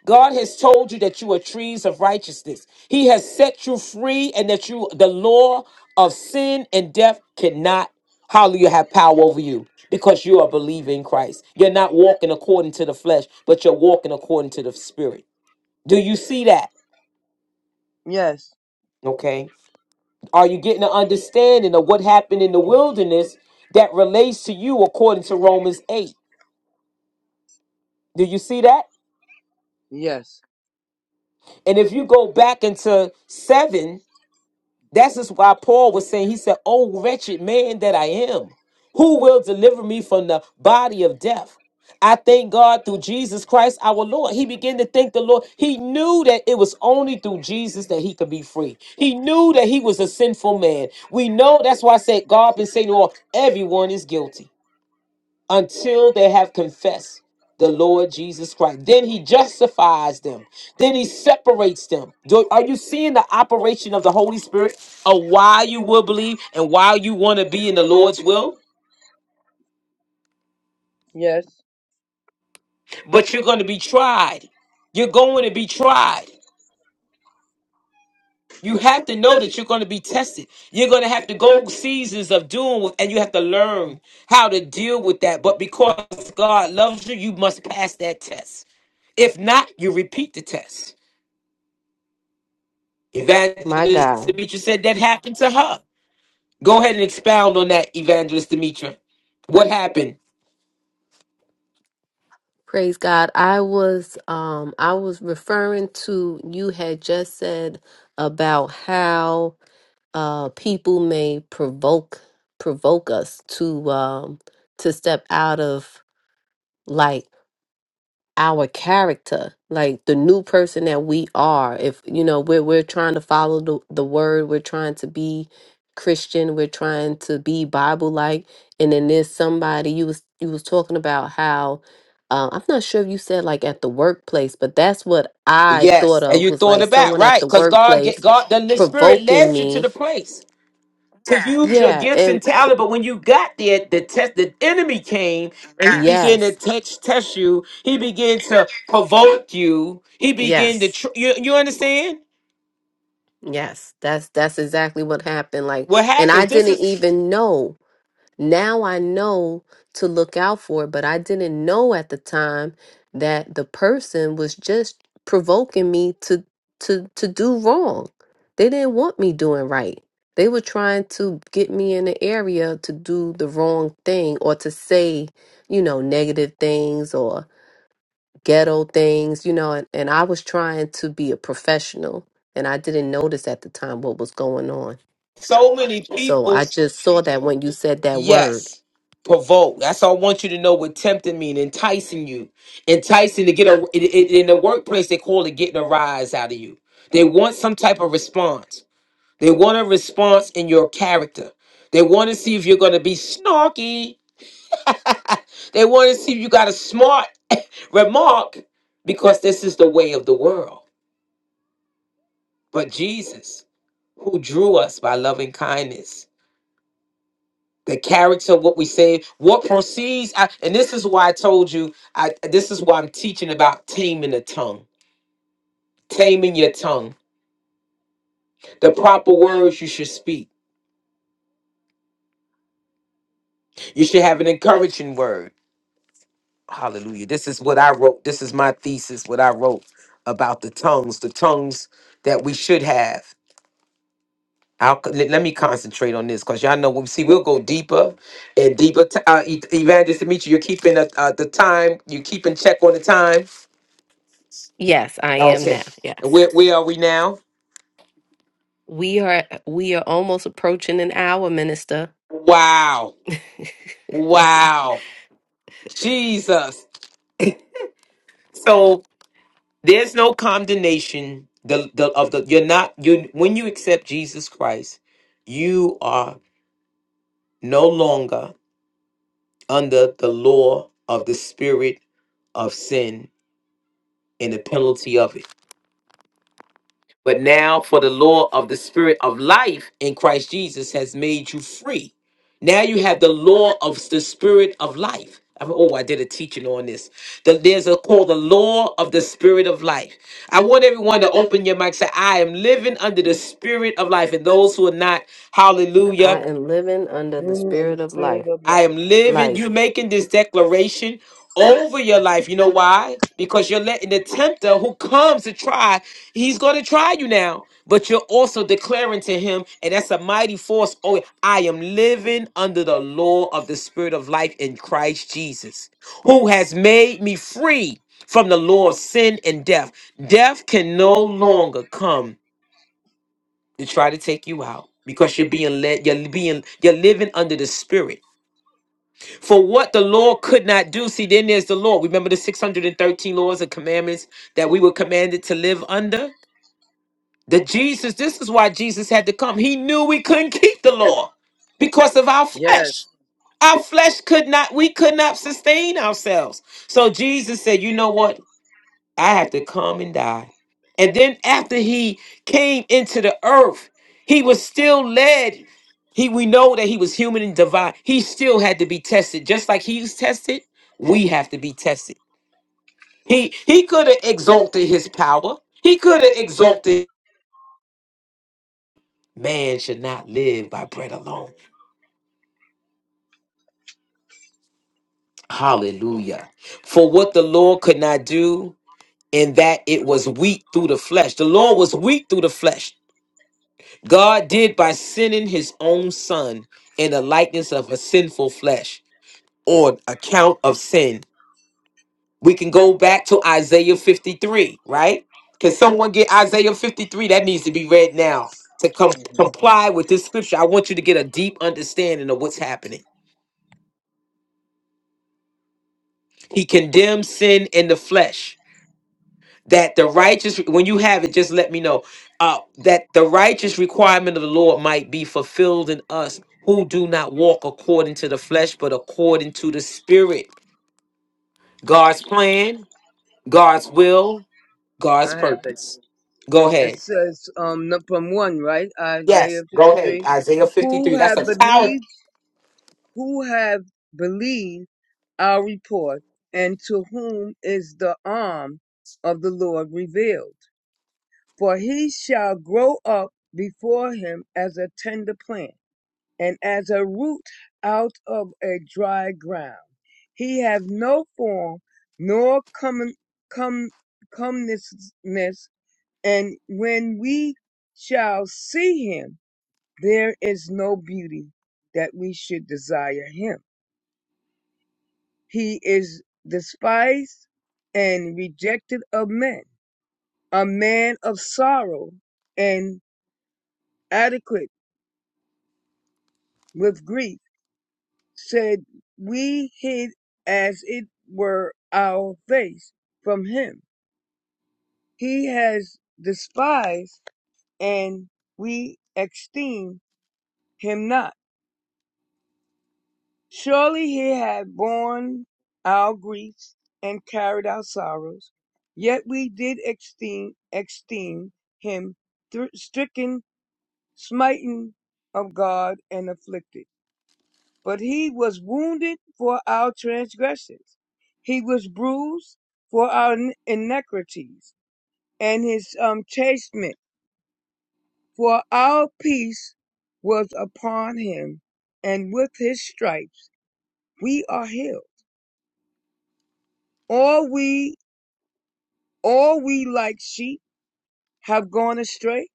God has told you that you are trees of righteousness. He has set you free and that you the law of sin and death cannot hallelujah have power over you because you are believing in Christ. You're not walking according to the flesh, but you're walking according to the spirit. Do you see that? yes, Okay. Are you getting an understanding of what happened in the wilderness that relates to you according to Romans 8? Do you see that? yes, And if you go back into seven, that's just why Paul was saying, he said, Oh, wretched man that I am, who will deliver me from the body of death? I thank God through Jesus Christ our Lord. He began to thank the Lord. He knew that it was only through Jesus that he could be free. He knew that he was a sinful man. We know that's why I said God been saying to all, everyone is guilty until they have confessed the Lord Jesus Christ. Then he justifies them. Then he separates them. Do- are you seeing the operation of the Holy Spirit of why you will believe and why you want to be in the Lord's will? yes. But you're going to be tried. You're going to be tried. You have to know that you're going to be tested. You're going to have to go seasons of doing, and you have to learn how to deal with that. But because God loves you, you must pass that test. If not, you repeat the test. my Evangelist God. Demetra said that happened to her. Go ahead and expound on that, Evangelist Demetra. What happened? Praise God. I was um I was referring to you had just said about how uh people may provoke provoke us to um to step out of light our character, like the new person that we are. If you know, we're we're trying to follow the, the word, we're trying to be Christian, we're trying to be Bible like. And then there's somebody you was you was talking about how uh, I'm not sure if you said like at the workplace, but that's what I thought Yes, and of you was thought like about someone at right the because God get workplace God the, the Spirit provoking led you to the me. place to use your Yeah, gifts and and pr- talent. But when you got there, the test, the enemy came and he began to yes, test test you. He began to provoke you. He began to yes, tr- you. You understand yes. That's that's exactly what happened. Like, what and I happens? This didn't is even know Now I know to look out for it, but I didn't know at the time that the person was just provoking me to to to do wrong. They didn't want me doing right. They were trying to get me in the area to do the wrong thing or to say, you know, negative things or ghetto things, you know, and, and I was trying to be a professional and I didn't notice at the time what was going on. so many So I people. just saw that when you said that word. Yes. Provoke. That's all I want you to know what tempting mean, enticing you. Enticing to get a in, in- in the workplace, they call it getting a rise out of you. They want some type of response. They want a response in your character. They want to see if you're gonna be snarky. they want to see if you got a smart remark because this is the way of the world. But Jesus, who drew us by loving kindness. the character, what we say, what proceeds. I, and this is why I told you, I, this is why I'm teaching about taming the tongue, taming your tongue, the proper words you should speak. You should have an encouraging word. Hallelujah. This is what I wrote. This is my thesis, what I wrote about the tongues, the tongues that we should have. I'll, let, let me concentrate on this because y'all know we see we'll go deeper and deeper. T- uh, E- Evangelist Demetri, you're keeping uh, uh, the time, you're keeping check on the time Yes, I am Okay. now. Where, Yes. where are we now? We are we are almost approaching an hour, minister. Wow. Wow. Jesus. So there's no condemnation the, the, of the you're not you when you accept Jesus Christ, you are no longer under the law of the spirit of sin and the penalty of it. But now, for the law of the spirit of life in Christ Jesus has made you free. Now you have the law of the spirit of life. I oh, I did a teaching on this. The- there's a called the law of the spirit of life. I want everyone to open your mic. Say, I am living under the spirit of life. And those who are not, I hallelujah. am living under the Mm, in the spirit of spirit life. of I life. am living. Light. You are making this declaration over your life. You know why? Because you're letting the tempter who comes to try, he's going to try you now. But you're also declaring to him, and that's a mighty force. Oh, I am living under the law of the Spirit of life in Christ Jesus, who has made me free from the law of sin and death. Death can no longer come to try to take you out because you're being led, you're being, you're living under the Spirit. For what the law could not do, see, then there's the law. Remember the 613 laws and commandments that we were commanded to live under? That Jesus, this is why Jesus had to come. He knew we couldn't keep the law because of our Yes, flesh. Our flesh could not, we could not sustain ourselves. So Jesus said, you know what? I had to come and die. And then after he came into the earth, he was still led. He we know that he was human and divine. He still had to be tested. Just like he was tested, we have to be tested. He he could have exalted his power. He could have exalted man should not live by bread alone. Hallelujah. For what the Lord could not do, in that it was weak through the flesh. The Lord was weak through the flesh. God did by sending his own son in the likeness of a sinful flesh on account of sin. We can go back to Isaiah 53, right? Can someone get Isaiah 53? That needs to be read now to com- comply with this scripture. I want you to get a deep understanding of what's happening. He condemns sin in the flesh that the righteous when you have it just let me know uh that the righteous requirement of the lord might be fulfilled in us who do not walk according to the flesh but according to the spirit god's plan god's will god's I have the. purpose go It ahead says um num- from one, right? Isaiah yes go fifty ahead three. isaiah Who 53 that's have a power believed who have believed our report, and to whom is the arm of the Lord revealed. For he shall grow up before him as a tender plant, and as a root out of a dry ground. He have no form, nor come come comeliness, and when we shall see him, there is no beauty that we should desire him. He is despised and rejected of men, a man of sorrow and adequate with grief, said we hid as it were our face from him. He has despised and we esteem him not. Surely he had borne our griefs and carried our sorrows, yet we did esteem, esteem him thr- stricken, smitten of God, and afflicted. But he was wounded for our transgressions, he was bruised for our in- iniquities, and his um, chastisement for our peace was upon him, and with his stripes we are healed. All we All we like sheep have gone astray.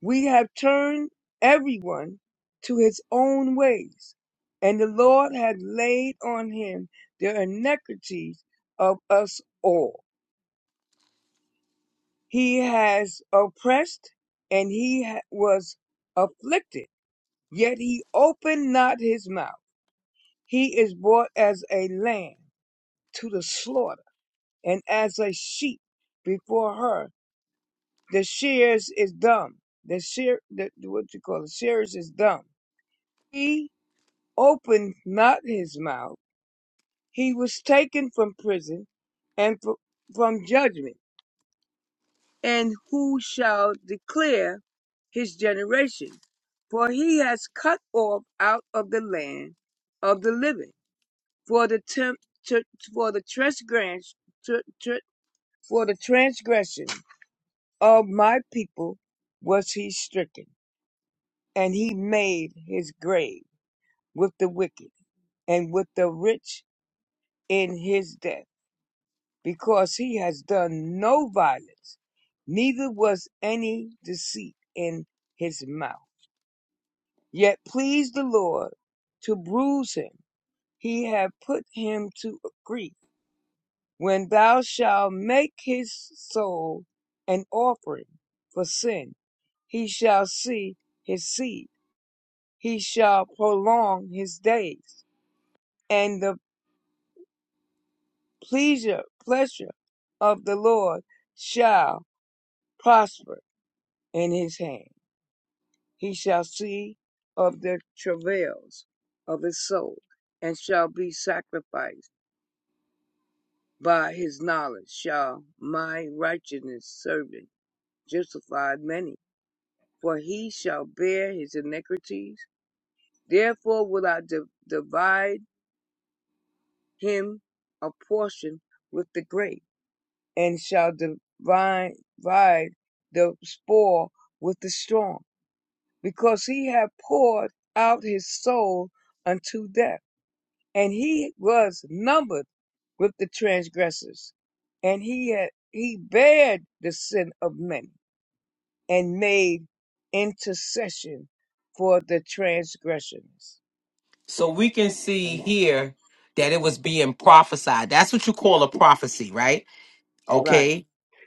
We have turned everyone to his own ways, and the Lord hath laid on him the iniquities of us all. He has oppressed and he ha- was afflicted, yet he opened not his mouth. He is brought as a lamb to the slaughter, and as a sheep before her The shears is dumb. The shear, the, what you call it, shears is dumb. He opened not his mouth. He was taken from prison and fr- from judgment. And who shall declare his generation? For he has cut off out of the land of the living. For the temp, tr- for the transgress, tr- tr- for the transgression of my people was he stricken. and he made his grave with the wicked and with the rich in his death, because he has done no violence, neither was any deceit in his mouth. Yet please the Lord to bruise him. He hath put him to grief. When thou shalt make his soul an offering for sin, he shall see his seed. He shall prolong his days and the pleasure pleasure of the Lord shall prosper in his hand. He shall see of the travails of his soul, and shall be sacrificed. By his knowledge shall my righteousness servant justify many, for he shall bear his iniquities. Therefore will I di- divide him a portion with the great and shall divide the spoil with the strong, because he had poured out his soul unto death, and he was numbered with the transgressors, and he had he bared the sin of many, and made intercession for the transgressions. so we can see And- here that it was being prophesied that's what you call a prophecy right Right, okay?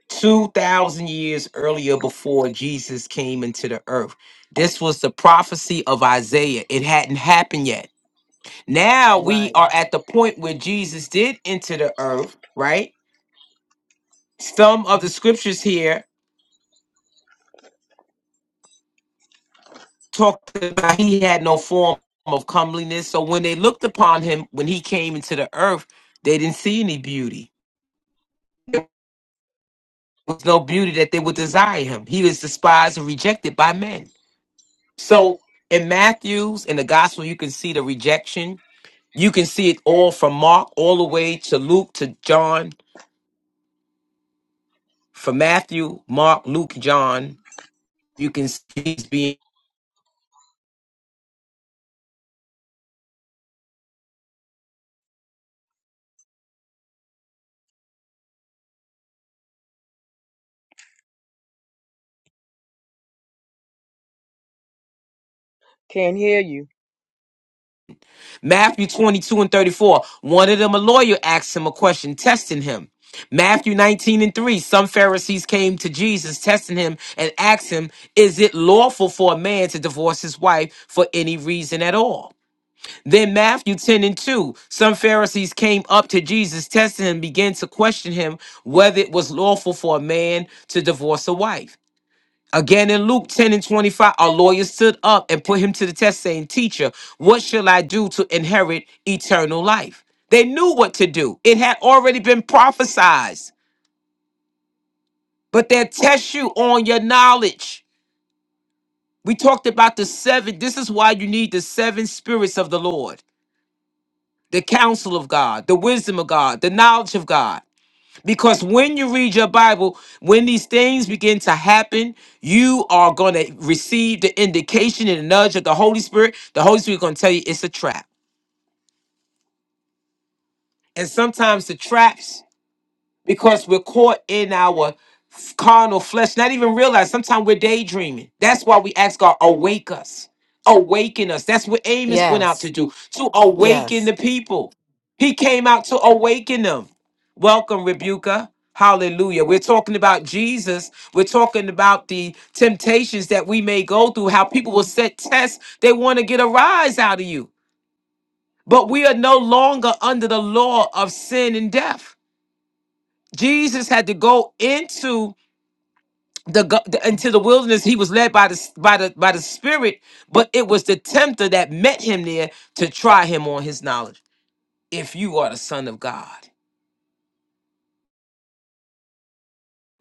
2,000 years earlier before Jesus came into the earth. This was the prophecy of Isaiah. It hadn't happened yet. Yes. Now we right. are at the point where Jesus did enter the earth, right? Some of the scriptures here talked about he had no form of comeliness. So when they looked upon him, when he came into the earth, they didn't see any beauty. There was no beauty that they would desire him. He was despised and rejected by men. So in Matthew's in the gospel, you can see the rejection. You can see it all from Mark all the way to Luke to John. From Matthew, Mark, Luke, John, you can see he's being Can't hear you. Matthew 22 and 34. One of them, a lawyer, asked him a question, testing him. Matthew 19 and 3. Some Pharisees came to Jesus, testing him, and asked him, Is it lawful for a man to divorce his wife for any reason at all? Then Matthew 10 and 2, some Pharisees came up to Jesus, testing him, began to question him whether it was lawful for a man to divorce a wife. Again in Luke 10 and 25, our lawyer stood up and put him to the test, saying, Teacher, what shall I do to inherit eternal life? They knew what to do. It had already been prophesied, but they test you on your knowledge. We talked about the seven. This is why you need the seven spirits of the Lord. the counsel of God, the wisdom of God, the knowledge of God. Because when you read your Bible, when these things begin to happen, you are going to receive the indication and the nudge of the Holy Spirit. The Holy Spirit is going to tell you it's a trap. And sometimes the traps because we're caught in our f- carnal flesh, not even realize sometimes we're daydreaming. That's why we ask God, awake us, awaken us. That's what Amos went out to Yes. do, to awaken Yes. the people. He came out to awaken them. Welcome, Rebuka. Hallelujah. We're talking about Jesus. We're talking about the temptations that we may go through, how people will set tests. They want to get a rise out of you. But we are no longer under the law of sin and death. Jesus had to go into the go- the- into the wilderness. He was led by the s- by the by the Spirit, but it was the tempter that met him there to try him on his knowledge. If you are the Son of God,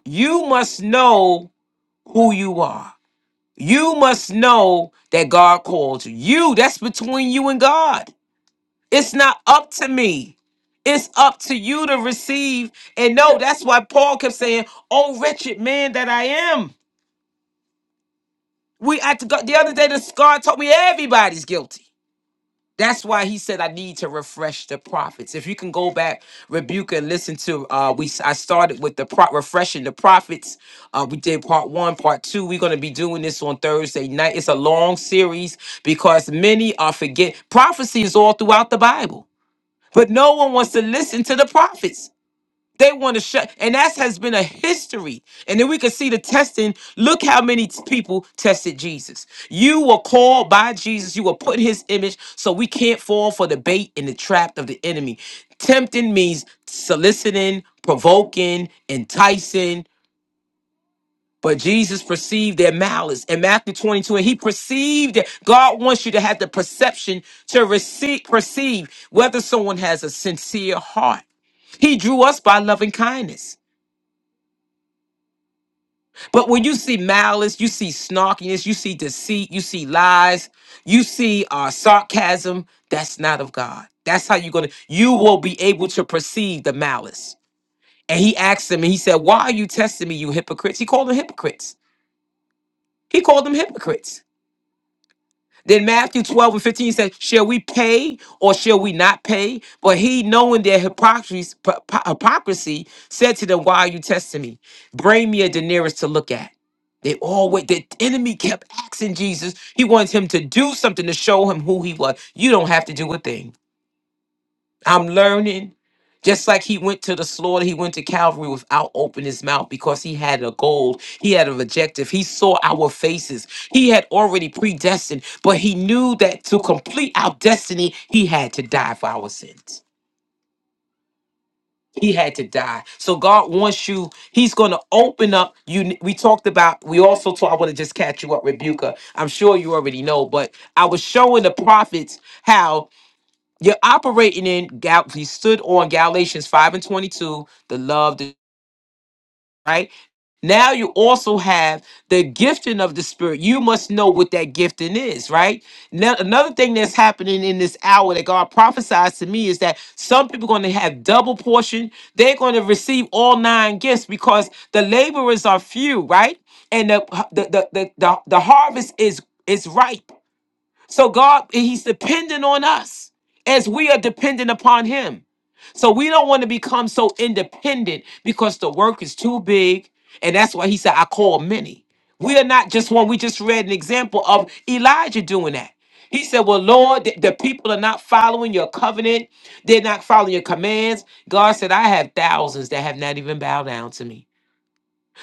you must know who you are. You must know that God called you. You that's between you and God. It's not up to me. It's up to you to receive and know. That's why Paul kept saying, "Oh, wretched man that I am." We I, the other day, the scar told me everybody's guilty. That's why he said I need to refresh the prophets. If you can go back, rebuke and listen to uh we I started with the pro- refreshing the prophets. Uh we did part 1, part 2. We're going to be doing this on Thursday night. It's a long series because many are forget prophecy is all throughout the Bible. But no one wants to listen to the prophets. They want to shut, and that has been a history. And then we can see the testing. Look how many t- people tested Jesus. You were called by Jesus. You were put in His image, so we can't fall for the bait and the trap of the enemy. Tempting means soliciting, provoking, enticing. But Jesus perceived their malice in Matthew 22, and he perceived it. God wants you to have the perception to receive, perceive whether someone has a sincere heart. He drew us by loving kindness. But when you see malice, you see snarkiness, you see deceit, you see lies, you see uh, sarcasm, that's not of God. That's how you're gonna. You will be able to perceive the malice. And he asked them, and he said, "Why are you testing me, you hypocrites?" He called them hypocrites. He called them hypocrites. Then Matthew 12 and 15 says, Shall we pay or shall we not pay? But he, knowing their hypocrisy, p- p- hypocrisy said to them, Why are you testing me? Bring me a denarius to look at. They always, the enemy kept asking Jesus. He wants him to do something to show him who he was. You don't have to do a thing. I'm learning. Just like he went to the slaughter, he went to Calvary without opening his mouth because he had a goal. He had an objective. He saw our faces. He had already predestined, but he knew that to complete our destiny, he had to die for our sins. He had to die. So God wants you. He's going to open up. You. We talked about. We also talked. I want to just catch you up, Rebuka. I'm sure you already know, but I was showing the prophets how you're operating in Gal. He stood on Galatians five and twenty-two. The love, the, right? Now you also have the gifting of the spirit. You must know what that gifting is, right? Now another thing that's happening in this hour that God prophesies to me is that some people are going to have double portion. They're going to receive all nine gifts because the laborers are few, right? And the the the the, the, the harvest is is ripe. So God, He's dependent on us as we are dependent upon Him. So we don't want to become so independent because the work is too big. And that's why He said, I call many. We are not just one. We just read an example of Elijah doing that. He said, Well, Lord, the, the people are not following your covenant. They're not following your commands. God said, I have thousands that have not even bowed down to me.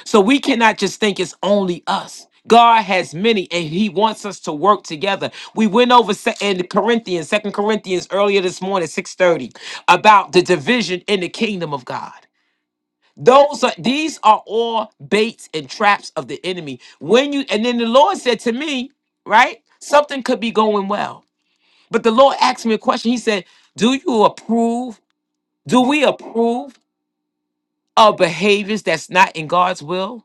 So we cannot just think it's only us. God has many and he wants us to work together. We went over se- in Corinthians, Second Corinthians earlier this morning, 6:30, about the division in the kingdom of God. Those are these are all baits and traps of the enemy. When you and then the Lord said to me, right? Something could be going well. But the Lord asked me a question. He said, "Do you approve? Do we approve of behaviors that's not in God's will?"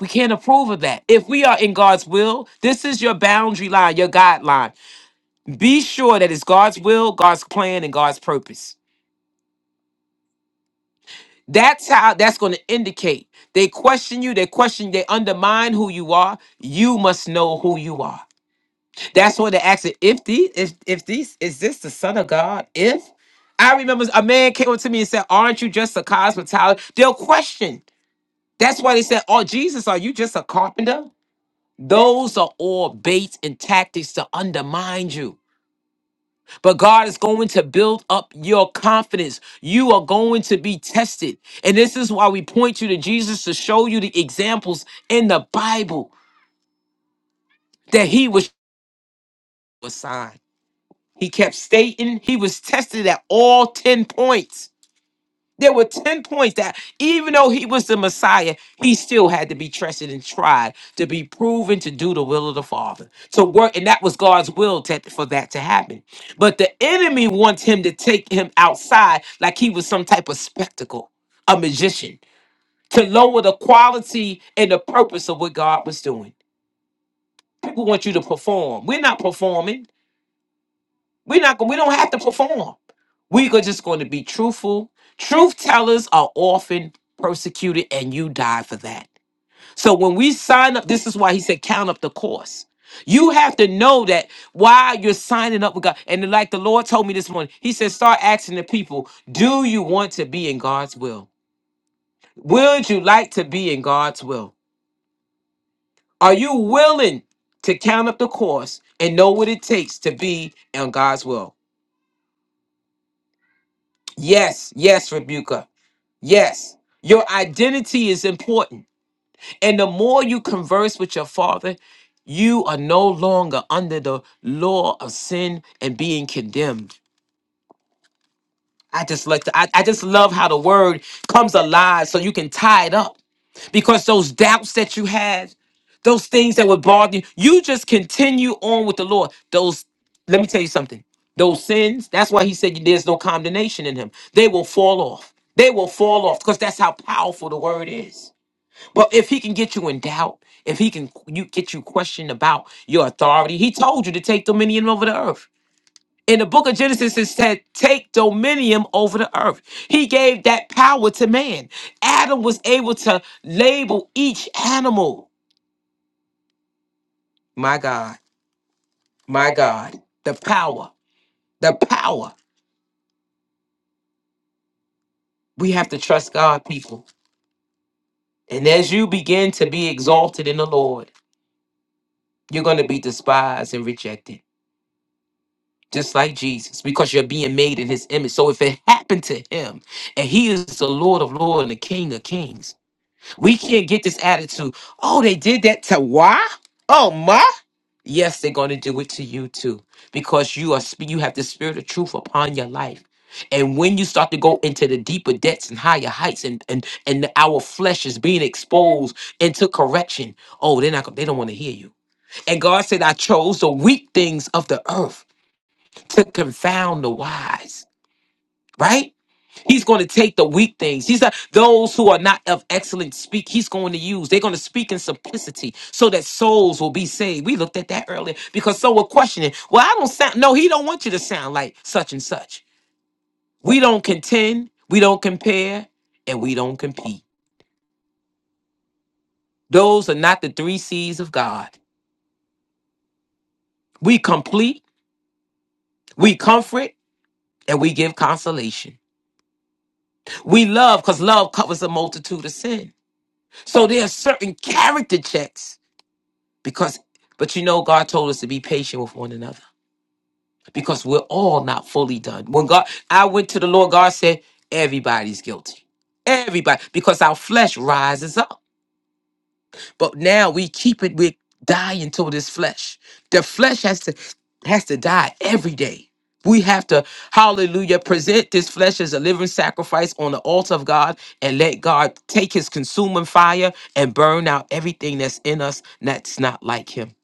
We can't approve of that. If we are in God's will, this is your boundary line, your guideline. Be sure that it's God's will, God's plan, and God's purpose. That's how that's going to indicate. They question you, they question, they undermine who you are. You must know who you are. That's why they ask it. If these, if if these, is this the son of God? If I remember a man came up to me and said, Aren't you just a cosmetologist? They'll question. That's why they said, Oh, Jesus, are you just a carpenter? Those are all baits and tactics to undermine you. But God is going to build up your confidence. You are going to be tested. And this is why we point you to Jesus to show you the examples in the Bible that he was a sign. He kept stating he was tested at all 10 points. There were 10 points that even though he was the Messiah, he still had to be tested and tried to be proven to do the will of the Father. To work, and that was God's will to- for that to happen. But the enemy wants him to take him outside like he was some type of spectacle, a magician, to lower the quality and the purpose of what God was doing. People want you to perform. We're not performing. We're not going. We don't have to perform. We are just going to be truthful. Truth tellers are often persecuted, and you die for that. So when we sign up, this is why he said count up the cost. You have to know that while you're signing up with God, and like the Lord told me this morning, He said, start asking the people, do you want to be in God's will? Would you like to be in God's will? Are you willing to count up the cost and know what it takes to be in God's will? Yes, yes, Rebuka. Yes, your identity is important. And the more you converse with your father, you are no longer under the law of sin and being condemned. I just like to, I, I just love how the word comes alive so you can tie it up because those doubts that you had, those things that would bother you, you just continue on with the Lord. Those, let me tell you something. Those sins, that's why he said there's no condemnation in him. They will fall off. They will fall off because that's how powerful the word is. But if he can get you in doubt, if he can you get you questioned about your authority, he told you to take dominion over the earth. In the book of Genesis, it said, take dominion over the earth. He gave that power to man. Adam was able to label each animal. My God, my God, the power, the power. We have to trust God, people. And as you begin to be exalted in the Lord, you're going to be despised and rejected. just like Jesus, because you're being made in his image. So if it happened to him, and he is the Lord of Lords and the King of Kings, we can't get this attitude, oh, they did that to why? Oh, my? Yes, they're going to do it to you too, because you are sp- you have the spirit of truth upon your life. And when you start to go into the deeper depths and higher heights, and and and our flesh is being exposed into correction, oh, they're not. gon- They don't want to hear you. And God said, "I chose the weak things of the earth." to confound the wise, right? He's going to take the weak things. He's not, those who are not of excellent speak. He's going to use. They're going to speak in simplicity so that souls will be saved. We looked at that earlier because so we're questioning. Well, I don't sound. No, he don't want you to sound like such and such. We don't contend. We don't compare, and we don't compete. Those are not the three C's of God. We complete. We comfort. And we give consolation. We love because love covers a multitude of sins. So there are certain character checks because, but you know, God told us to be patient with one another because we're all not fully done. When God, I went to the Lord, God said, everybody's guilty. Everybody, because our flesh rises up. But now we keep it, we die to this flesh. The flesh has to has to die every day. We have to, hallelujah, present this flesh as a living sacrifice on the altar of God and let God take his consuming fire and burn out everything that's in us that's not like him.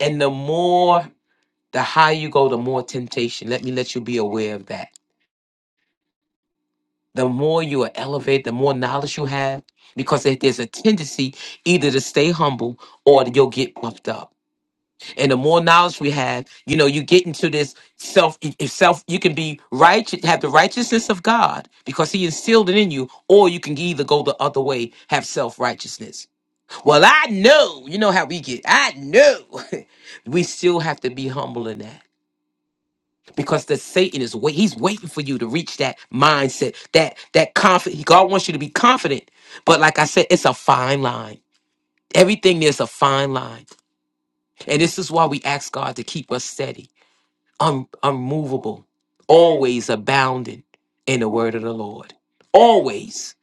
And the more, the higher you go, the more temptation. Let me let you be aware of that. The more you are elevated, the more knowledge you have, because there- there's a tendency either to stay humble or you'll get puffed up. and the more knowledge we have, you know, you get into this self. If self, you can be righteous, have the righteousness of God because He instilled it in you, or you can either go the other way, have self righteousness. Well, I know, you know how we get. I know, we still have to be humble in that because the Satan is wait. He's waiting for you to reach that mindset, that that confident. God wants you to be confident, but like I said, it's a fine line. Everything there's a fine line. And this is why we ask God to keep us steady un- unmovable, always abounding in the word of the Lord. Always.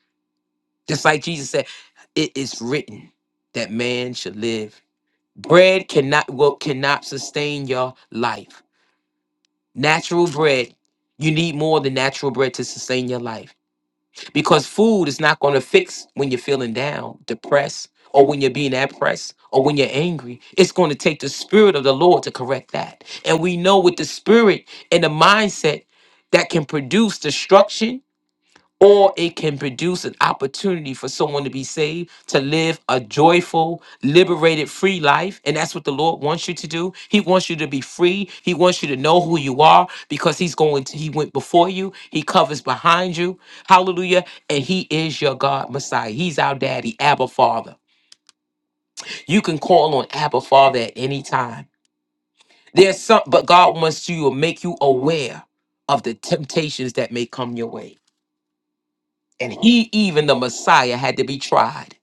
Just like Jesus said, it is written that man should live. Bread cannot well, cannot sustain your life. Natural bread, you need more than natural bread to sustain your life because food is not going to fix when you're feeling down, depressed, or when you're being oppressed, or when you're angry. It's going to take the spirit of the Lord to correct that. And we know with the spirit and the mindset that can produce destruction or it can produce an opportunity for someone to be saved, to live a joyful, liberated, free life. And that's what the Lord wants you to do. He wants you to be free. He wants you to know who you are because He's going to, He went before you, He covers behind you. Hallelujah. And He is your God, Messiah. He's our daddy, Abba Father. You can call on Abba Father at any time. There's some, but God wants you to make you aware of the temptations that may come your way. and he even the messiah had to be tried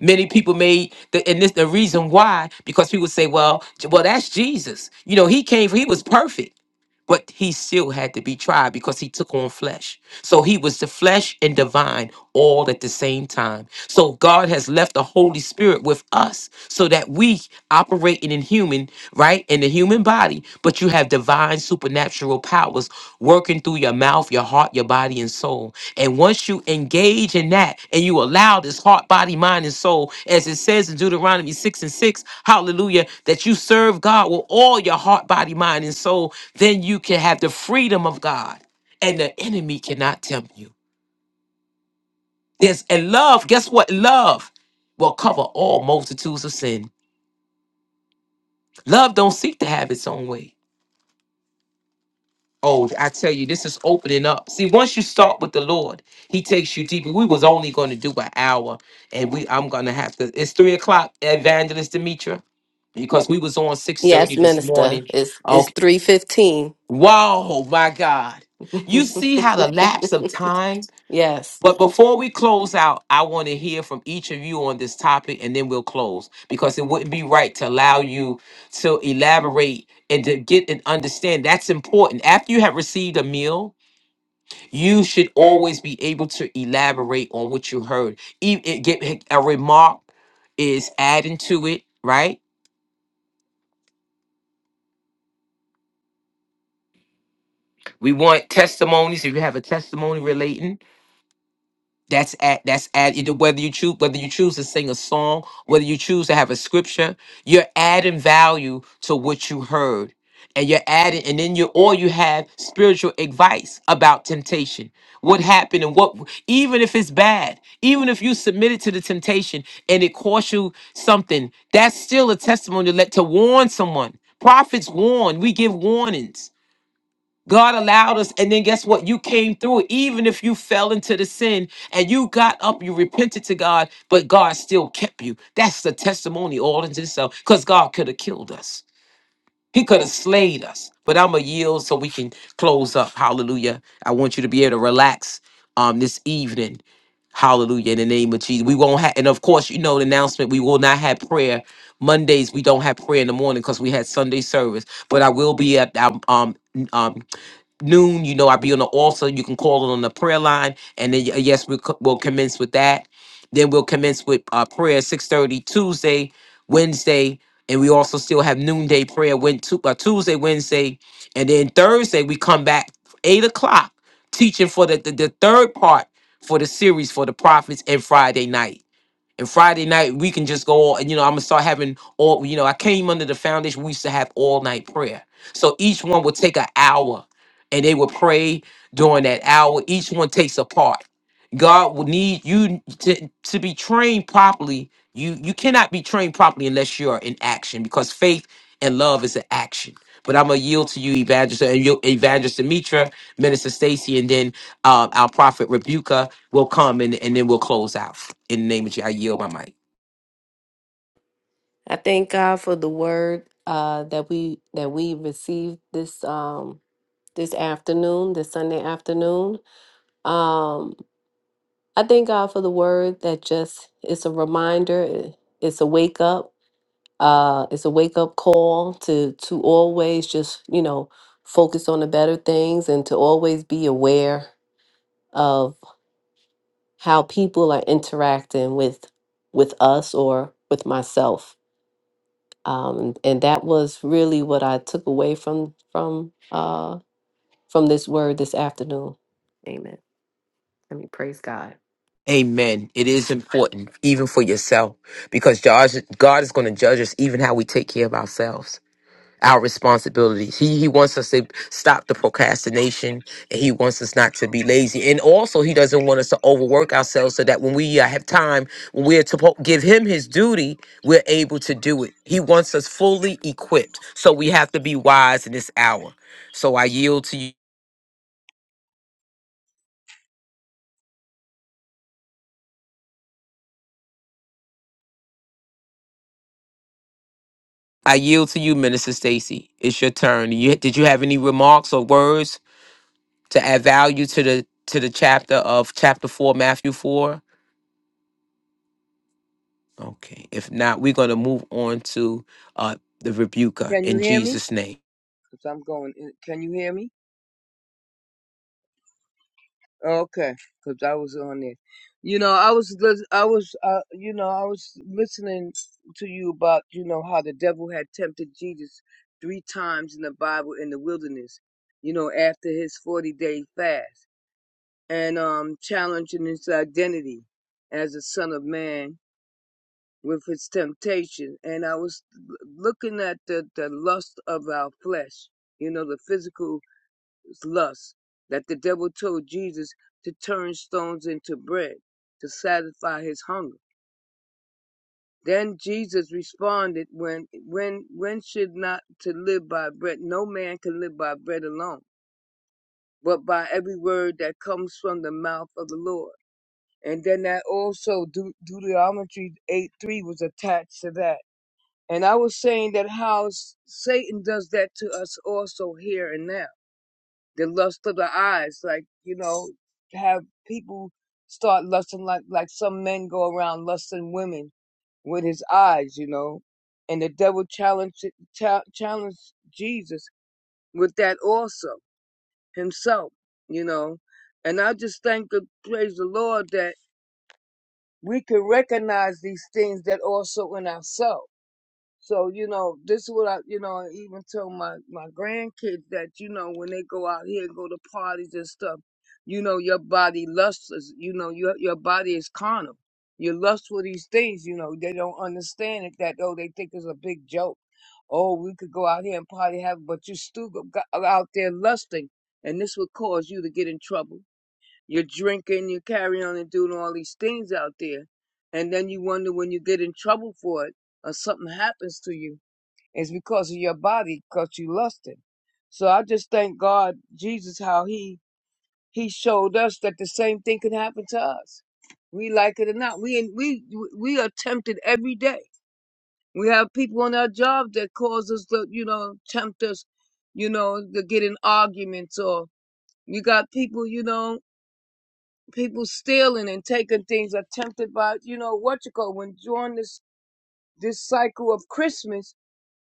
many people made the and this the reason why because people say well J- well that's jesus you know he came he was perfect but he still had to be tried because he took on flesh so he was the flesh and divine all at the same time. So God has left the Holy Spirit with us so that we operate in human, right? In the human body, but you have divine supernatural powers working through your mouth, your heart, your body, and soul. And once you engage in that and you allow this heart, body, mind, and soul, as it says in Deuteronomy 6 and 6, hallelujah, that you serve God with all your heart, body, mind, and soul, then you can have the freedom of God and the enemy cannot tempt you. There's and love, guess what? Love will cover all multitudes of sin. Love don't seek to have its own way. Oh, I tell you, this is opening up. See, once you start with the Lord, He takes you deeper. We was only going to do an hour, and we I'm gonna have to. It's three o'clock, Evangelist Demetra, because we was on six Yes, thirty this minister. morning. It's it's Okay. 315. Wow, my God! You see how the lapse of time. yes. But before we close out, I want to hear from each of you on this topic and then we'll close because it wouldn't be right to allow you to elaborate and to get and understand that's important. After you have received a meal, you should always be able to elaborate on what you heard. Even it get a remark is adding to it, right? We want testimonies. If you have a testimony relating, That's at that's at either whether you choose whether you choose to sing a song, whether you choose to have a scripture, you're adding value to what you heard. And you're adding, and then you or you have spiritual advice about temptation. What happened and what even if it's bad, even if you submitted to the temptation and it cost you something, that's still a testimony to let to warn someone. Prophets warn, we give warnings God allowed us, and then guess what? You came through it. Even if you fell into the sin and you got up, you repented to God, but God still kept you. That's the testimony all in itself, because God could have killed us. He could have slayed us. But I'm going to yield so we can close up. Hallelujah. I want you to be able to relax um, this evening. Hallelujah. In the name of Jesus. We won't have, and of course, you know the announcement, we will not have prayer. Mondays, we don't have prayer in the morning because we had Sunday service. But I will be at um, um noon. You know, I'll be on the altar. You can call it on the prayer line. And then, y- yes, we'll, co- we'll commence with that. Then we'll commence with uh, prayer 6.30 Tuesday, Wednesday. And we also still have noonday prayer when tu- uh, Tuesday, Wednesday. And then Thursday, we come back 8 o'clock teaching for the, the, the third part for the series for the prophets and Friday night. And Friday night we can just go. all- You know, I'm gonna start having all. You know, I came under the foundation. We used to have all night prayer. So each one would take an hour, and they would pray during that hour. Each one takes a part. God will need you to, to be trained properly. You you cannot be trained properly unless you're in action because faith and love is an action. But I'm gonna yield to you, Evangelist, and you, Evangelist Demetra, Minister Stacy, and then um, our prophet Rebuka will come and, and then we'll close out. In the name of Jesus, I yield my mic. I thank God for the word uh that we that we received this um this afternoon, this Sunday afternoon. Um I thank God for the word that just it's a reminder, it- it's a wake up Uh, it's a wake up call to to always just you know focus on the better things and to always be aware of how people are interacting with with us or with myself. Um, and that was really what I took away from from uh, from this word this afternoon. Amen. Let me praise God. Amen. It is important, even for yourself, because God, God is going to judge us even how we take care of ourselves, our responsibilities. He, he wants us to stop the procrastination, and He wants us not to be lazy. And also, He doesn't want us to overwork ourselves so that when we uh, have time, when we're to po- give Him His duty, we're able to do it. He wants us fully equipped. So we have to be wise in this hour. So I yield to you. I yield to you, Minister Stacy. It's your turn. You, did you have any remarks or words to add value to the to the chapter of chapter four, Matthew four? Okay. If not, we're going to move on to uh, the rebuker Can you in hear me? Jesus' name. Because I'm going. in- Can you hear me? Okay, because I was on it. You know, I was, lis- I was, uh, you know, I was listening to you about, you know, how the devil had tempted Jesus three times in the Bible in the wilderness. You know, after his forty-day fast, and um, challenging his identity as a son of man with his temptation. And I was l- looking at the the lust of our flesh. You know, the physical lust that the devil told Jesus to turn stones into bread to satisfy his hunger. Then Jesus responded, when, when, when should not to live by bread? No man can live by bread alone, but by every word that comes from the mouth of the Lord. And then that also Deut- Deuteronomy 8 3 was attached to that. And I was saying that how s- Satan does that to us also here and now the lust of the eyes, like, you know, have people start lusting like like some men go around lusting women with his eyes, you know. And the devil challenged cha- challenged Jesus with that also himself, you know. And I just thank and praise the Lord that we can recognize these things that also in ourselves so, you know, this is what I, you know, I even tell my, my grandkids that, you know, when they go out here and go to parties and stuff, you know, your body lusts, is- you know, your, your body is carnal. You lust for these things, you know, they don't understand it that, oh, they think it's a big joke. Oh, we could go out here and party have, but you still go, go out there lusting. And this would cause you to get in trouble you're drinking, you're carrying on and doing all these things out there. And then you wonder when you get in trouble for it or something happens to you, it's because of your body, because you lusted. So I just thank God, Jesus, how he he showed us that the same thing can happen to us. We like it or not. We we we are tempted every day. We have people on our job that cause us to, you know, tempt us, you know, to get in arguments or you got people, you know, people stealing and taking things are tempted by you know what you call when during this this cycle of christmas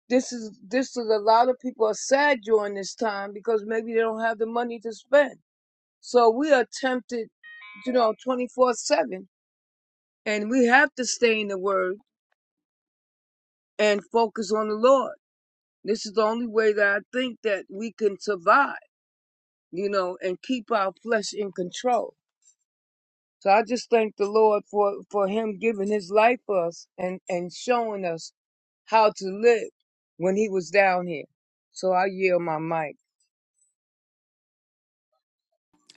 this is this is a lot of people are sad during this time because maybe they don't have the money to spend so we are tempted you know 24 7 and we have to stay in the word and focus on the lord this is the only way that i think that we can survive you know and keep our flesh in control So I just thank the Lord for, for him giving his life for us and, and showing us how to live when he was down here. So I yield my mic.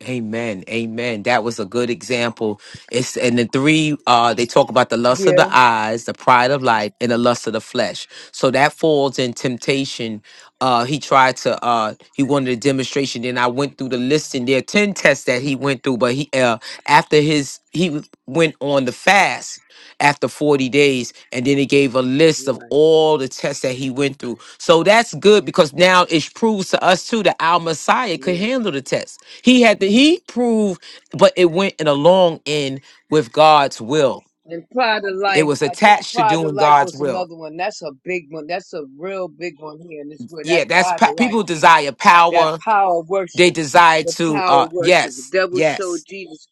Amen. Amen. That was a good example. It's and the three uh they talk about the lust of the Yeah. eyes, the pride of life, and the lust of the flesh. So that falls in temptation. Uh he tried to uh he wanted a demonstration. Then I went through the list and there are 10 tests that he went through, but he uh after his he went on the fast after 40 days and then he gave a list of Right. all the tests that he went through. So that's good because now it proves to us too that our Messiah could Yes. handle the test. He had to he proved, but it went in a long end with God's will. And Pride of It Life, was I think attached to Pride of doing Life God's was will. another one. That's a big one. That's a real big one here in this world. Yeah, That that's Pride pa- of people Life, desire that power. power of They worship, desire the to power uh of worship. The yes, devil showed yes. Jesus.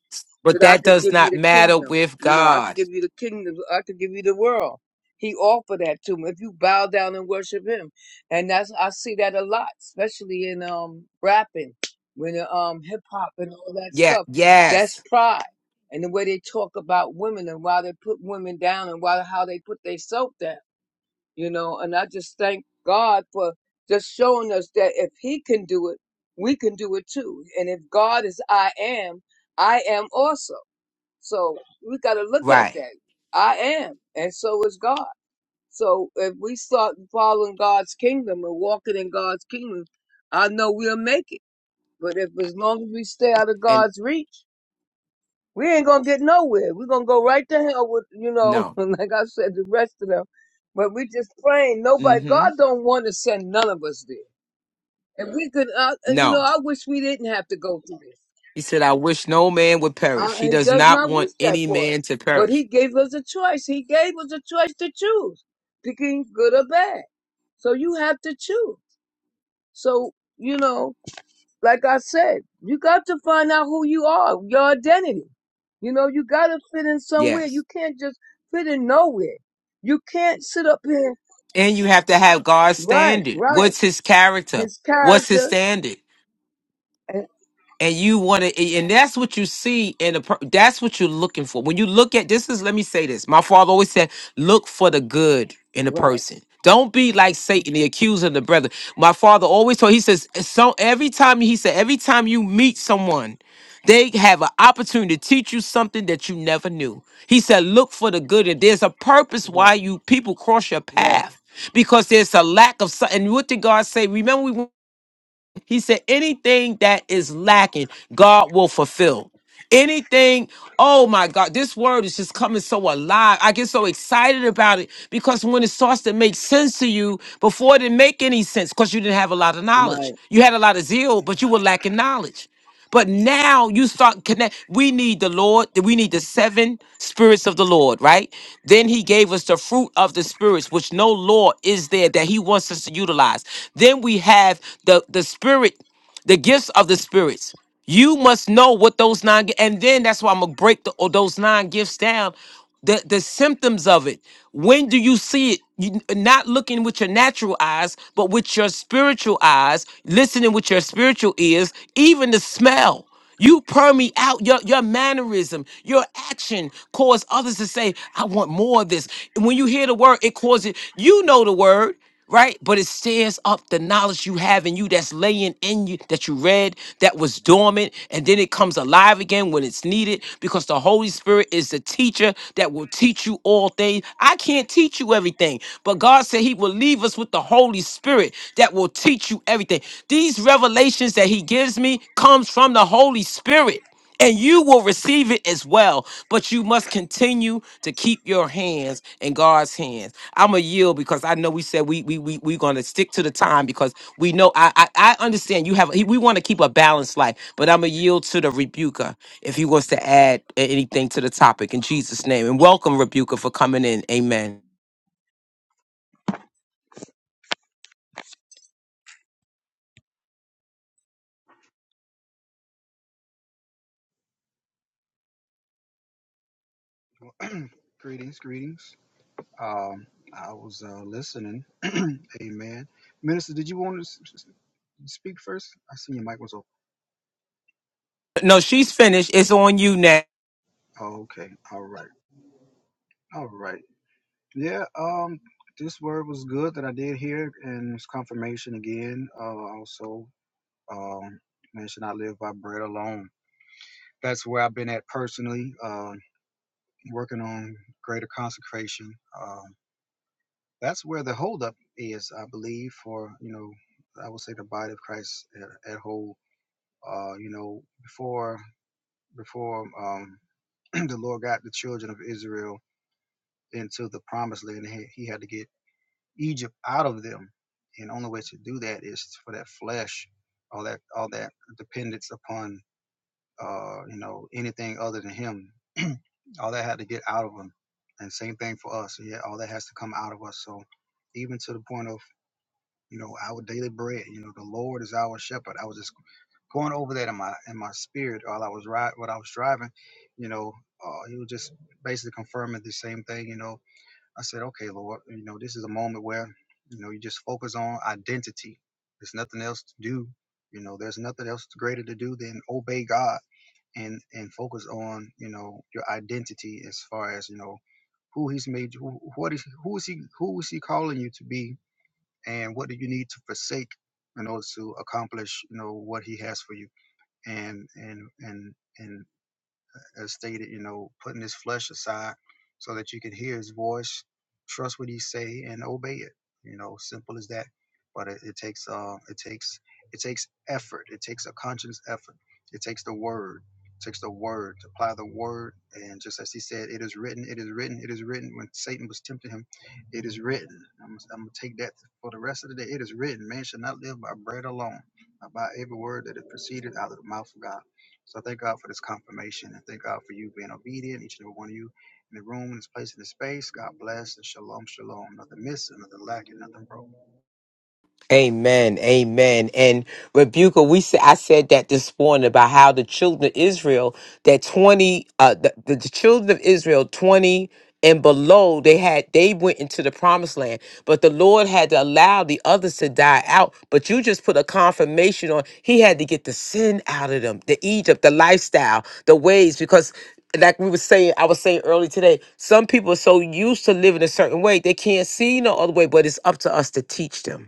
But that I that could does give you not the matter kingdom. with You know, I could God. give you the kingdom. I could give you the world. He offered that to me if you bow down and worship him. And that's I see that a lot, especially in um rapping, when uh, um hip hop and all that Yeah, stuff. That's yes. pride. And the way they talk about women and why they put women down and why how they put themselves down, you know. And I just thank God for just showing us that if He can do it, we can do it too. And if God is I am, I am also. So we got to look at Right. that. I am, and so is God. So if we start following God's kingdom and walking in God's kingdom, I know we'll make it. But if as long as we stay out of And God's reach, we ain't gonna get nowhere. We're gonna go right to hell with you know, no. like I said, the rest of them. But we just praying. Nobody, Mm-hmm. God don't want to send none of us there. And we could, uh, and you know, No. I wish we didn't have to go through this. He said, I wish no man would Uh, perish. He he does does not not want wish that any for man us. to But perish. he gave us a choice. He gave us a choice to choose, picking good or bad. So you have to choose. So, you know, like I said, you got to find out who you are, your identity. You know, you got to fit in somewhere. You Yes. can't just fit in nowhere. You can't sit up here, And you have to have God's right, standard. right. What's his character? His What's his character, standard? and, and you want to and that's what you see in a per- that's what you're looking for when you look at this is let me say this my father always said look for the good in a right, person don't be like satan the accuser of the brother my father always told he says so every time he said every time you meet someone they have an opportunity to teach you something that you never knew he said look for the good and there's a purpose why yes, you people cross your yes, path because there's a lack of something and what did god say remember we he said, anything that is lacking, God will fulfill. Anything, oh my God, this word is just coming so alive. I get so excited about it because when it starts to make sense to you, before it didn't make any sense because you didn't have a lot of right. knowledge. You had a lot of zeal, but you were lacking knowledge. But now you start connect. We need the Lord. We need the seven spirits of the Lord, right? Then He gave us the fruit of the spirits, which no law is there that He wants us to utilize. Then we have the the spirit, the gifts of the spirits. You must know what those nine gi- and then that's why I'm gonna break the, or those nine gifts down. The the symptoms of it. When do you see it? You, not looking with your natural eyes, but with your spiritual eyes, listening with your spiritual ears, even the smell. You permeate out your, your mannerism, your action cause others to say, I want more of this. And when you hear the word, it causes you know the word right? But it stirs up the knowledge you have in you that's laying in you that you read that was dormant, and then it comes alive again when it's needed because the Holy Spirit is the teacher that will teach you all things. I can't teach you everything, but God said He will leave us with the Holy Spirit that will teach you everything. These revelations that He gives me comes from the Holy Spirit and you will receive it as well. But you must continue to keep your hands in God's hands. I'm a yield because I know we said we we we we're gonna stick to the time because we know I I, I understand you have we want to keep a balanced life, but I'm a yield to the rebuker if he wants to add a- anything to the topic in Jesus' name. And welcome rebuker for coming in. Amen. Well, greetings, greetings. Um, I was uh, listening. Amen. Minister, did you want to s- s- speak first? I see your mic was open. No, she's finished. It's on you now. Oh, okay. All right. All right. Yeah. Um, this word was good that I did hear, and it's confirmation again. Uh, also, um, man should not live by bread alone. That's where I've been at personally. Uh, working on greater consecration. um, That's where the holdup is, I believe, for you know, I would say the body of Christ at, at whole. Uh, you know, before before um, the Lord got the children of Israel into the promised land, he, he had to get Egypt out of them, and only way to do that is for that flesh, all that all that dependence upon uh, you know anything other than Him. all that had to get out of them, and same thing for us. Yeah, all that has to come out of us. So even to the point of you know, our daily bread. You know, the Lord is our shepherd. I was just going over that in my in my spirit while I was ride while I was driving. You know, uh, he was just basically confirming the same thing. You know, I said, okay, Lord, you know, this is a moment where you know you just focus on identity. There's nothing else to do. You know, there's nothing else greater to do than obey God and and focus on you know your identity as far as you know who He's made you, who, what is who is He who is He calling you to be and what do you need to forsake in order to accomplish you know what he has for you and and and and as stated, you know, putting his flesh aside so that you can hear his voice, trust what he say, and obey it. You know, simple as that. But it, it takes um, it takes it takes effort. It takes a conscious effort. It takes the word. It takes the word to apply the word. And just as he said, it is written. It is written. It is written. When Satan was tempting him, it is written. I'm, gonna- I'm gonna take that for the rest of the day. It is written. Man shall not live by bread alone, but by every word that it proceeded out of the mouth of God. So I thank God for this confirmation and thank God for you being obedient, each and every one of you in the room, in this place, in this space. God bless and shalom, shalom. Nothing missing, nothing lacking, nothing broken. Amen. Amen. And Rebuka, we said I said that this morning about how the children of Israel, that 20 uh the, the the children of Israel 20 and below, they had they went into the promised land, but the Lord had to allow the others to die out. But you just put a confirmation on he had to get the sin out of them, the Egypt, the lifestyle, the ways, because like we were saying, I was saying earlier today, some people are so used to living a certain way, they can't see no other way, but it's up to us to teach them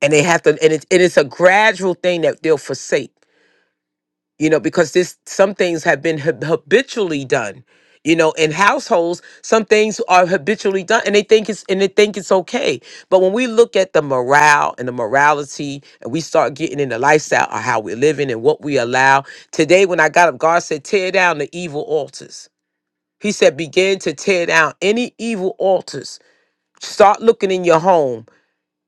and they have to and it, it is a gradual thing that they'll forsake you know because this some things have been hab- habitually done you know in households some things are habitually done and they think it's and they think it's okay but when we look at the morale and the morality and we start getting in the lifestyle of how we're living and what we allow today when i got up god said tear down the evil altars he said begin to tear down any evil altars start looking in your home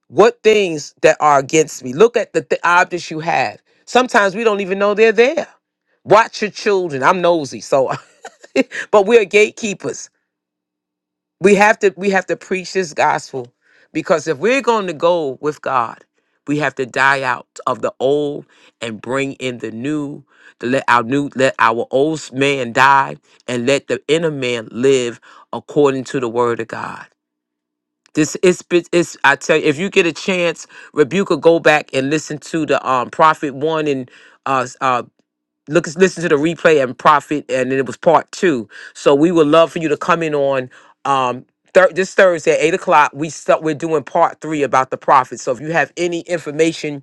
what things that are against me? Look at the th- objects you have. Sometimes we don't even know they're there. Watch your children. I'm nosy, so but we're gatekeepers. We have to we have to preach this gospel because if we're going to go with God, we have to die out of the old and bring in the new. To let our new let our old man die and let the inner man live according to the word of God. This is it's it's- I tell you, if you get a chance, Rebuka, go back and listen to the um prophet one and uh s- uh look listen to the replay and profit and then it was part two so we would love for you to come in on um thir- this thursday at eight o'clock we start we're doing part three about the profit so if you have any information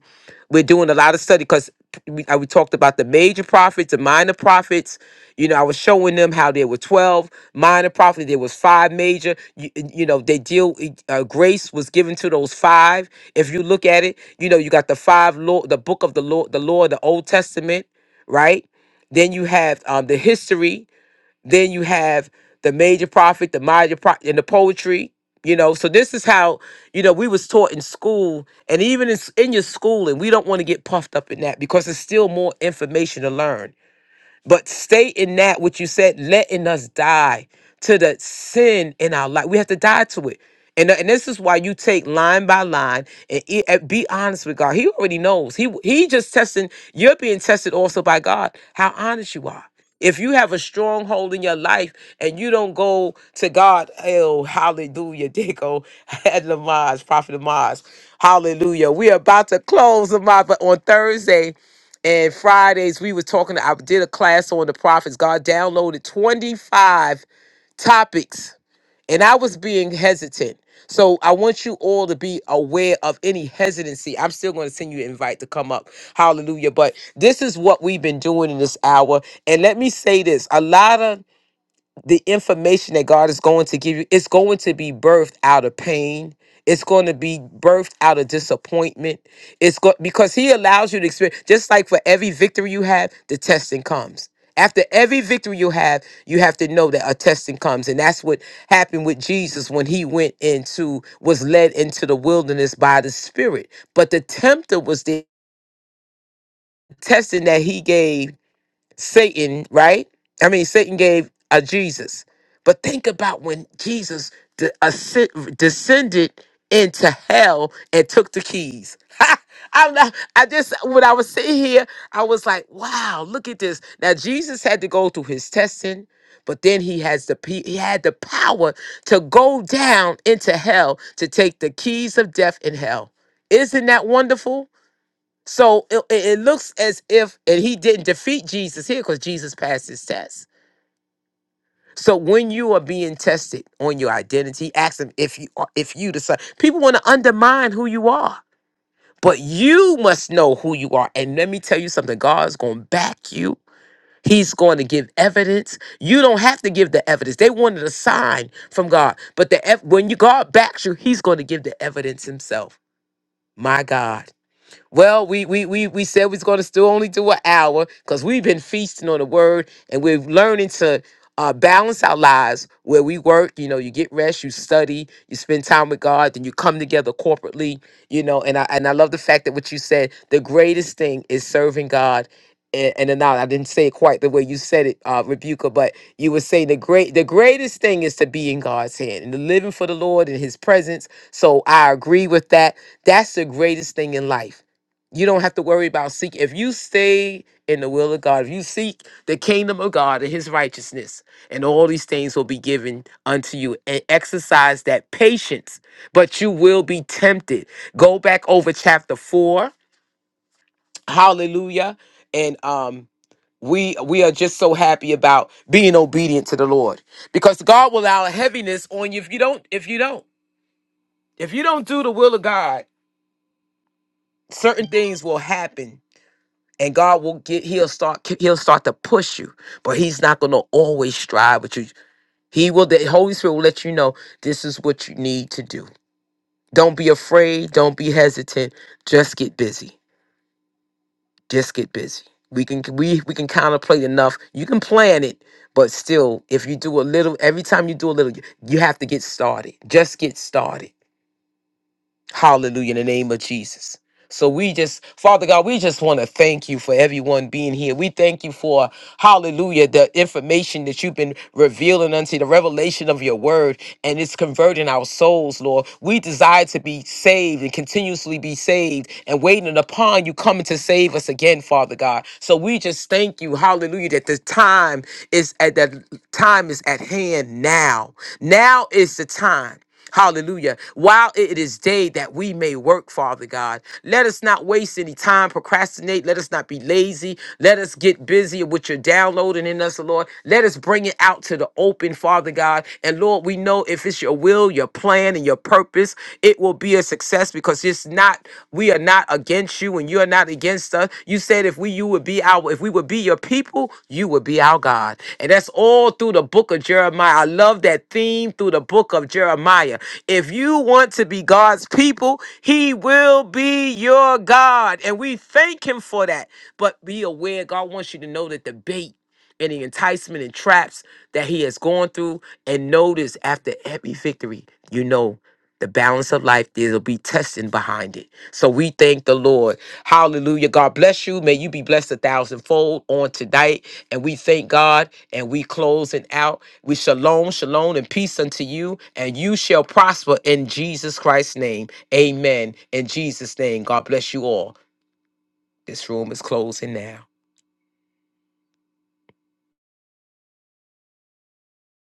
we're doing a lot of study because we, I- we talked about the major profits the minor profits you know i was showing them how there were 12 minor profits there was five major you, you know they deal e, uh, grace was given to those five if you look at it you know you got the five law the book of the law the law of the old testament right? Then you have um, the history. Then you have the major prophet, the minor prophet, and the poetry. You know, so this is how you know we was taught in school, and even in, s- in your schooling, we don't want to get puffed up in that because there's still more information to learn. But stay in that, what you said, letting us die to the sin in our life. We have to die to it. And, and this is why you take line by line and, e- and be honest with God. He already knows. He he just testing. You're being tested also by God. How honest you are. If you have a stronghold in your life and you don't go to God, oh hallelujah, Dico, Ed Lamaz, Prophet Lamaz, hallelujah. We are about to close Lamaz, but on Thursday and Fridays we were talking. I did a class on the prophets. God downloaded 25 topics, and I was being hesitant. So I want you all to be aware of any hesitancy. I'm still going to send you an invite to come up. Hallelujah. But this is what we've been doing in this hour. And let me say this. A lot of the information that God is going to give you, it's going to be birthed out of pain. It's going to be birthed out of disappointment. It's go- because He allows you to experience. Just like for every victory you have, the testing comes. After every victory you have, you have to know that a testing comes, and that's what happened with Jesus when he went into was led into the wilderness by the Spirit. But the tempter was the testing that he gave Satan, right? I mean, Satan gave a Jesus. But think about when Jesus de- ascend- descended into hell and took the keys. I'm not, I just, when I was sitting here, I was like, wow, look at this. Now, Jesus had to go through his testing. But then he has the pe- he had the power to go down into hell to take the keys of death and hell. Isn't that wonderful? So it, it it looks as if, and he didn't defeat Jesus here because Jesus passed his test. So when you are being tested on your identity, ask him if you are, if you decide. People want to undermine who you are, but you must know who you are. And let me tell you something: God's going to back you. He's going to give evidence. You don't have to give the evidence. They wanted a sign from God, but the ev- when you God backs you, He's going to give the evidence Himself. My God. Well, we we we we said we was gonna still only do an hour because we've been feasting on the word and we're learning to uh, balance our lives where we work. You know, you get rest, you study, you spend time with God, then you come together corporately. You know, and I and I love the fact that what you said. The greatest thing is serving God. And, and now I didn't say it quite the way you said it, uh, Rebuka, but you were saying the great, the greatest thing is to be in God's hand and to living for the Lord in His presence. So I agree with that. That's the greatest thing in life you don't have to worry about seeking if you stay in the will of god if you seek the kingdom of god and his righteousness and all these things will be given unto you and exercise that patience but you will be tempted go back over chapter 4 hallelujah and um we we are just so happy about being obedient to the lord because god will allow heaviness on you if you don't if you don't if you don't do the will of god certain things will happen and God will get he'll start he'll start to push you, but he's not going to always strive with you. He will the Holy Spirit will let you know this is what you need to do. Don't be afraid, don't be hesitant, just get busy. Just get busy. We can we we can contemplate enough. You can plan it, but still if you do a little every time you do a little you have to get started. Just get started Hallelujah, in the name of Jesus. So we just, Father God, we just want to thank you for everyone being here. We thank you for, hallelujah, the information that you've been revealing unto the revelation of your word, and it's converting our souls, Lord. We desire to be saved and continuously be saved and waiting upon you coming to save us again, Father God. So we just thank you, hallelujah, that the time is at that time is at hand now. Now is the time. Hallelujah. While it is day that we may work, Father God, let us not waste any time, procrastinate. Let us not be lazy. Let us get busy with your downloading in us, Lord. Let us bring it out to the open, Father God. And Lord, we know if it's your will, your plan, and your purpose, it will be a success because it's not, we are not against against you and you're not against us. You said if we you would be our if we would be your people, you would be our God. And that's all through the book of Jeremiah. I love that theme through the book of Jeremiah. If you want to be God's people, he will be your God. And we thank him for that. But be aware, God wants you to know that the bait and the enticement and traps that he has gone through and notice after every victory you know the balance of life there'll be testing behind it so we thank the lord hallelujah god bless you may you be blessed a thousandfold on tonight and we thank god and we closing out we shalom shalom and peace unto you and you shall prosper in jesus christ's name amen in jesus name god bless you all this room is closing now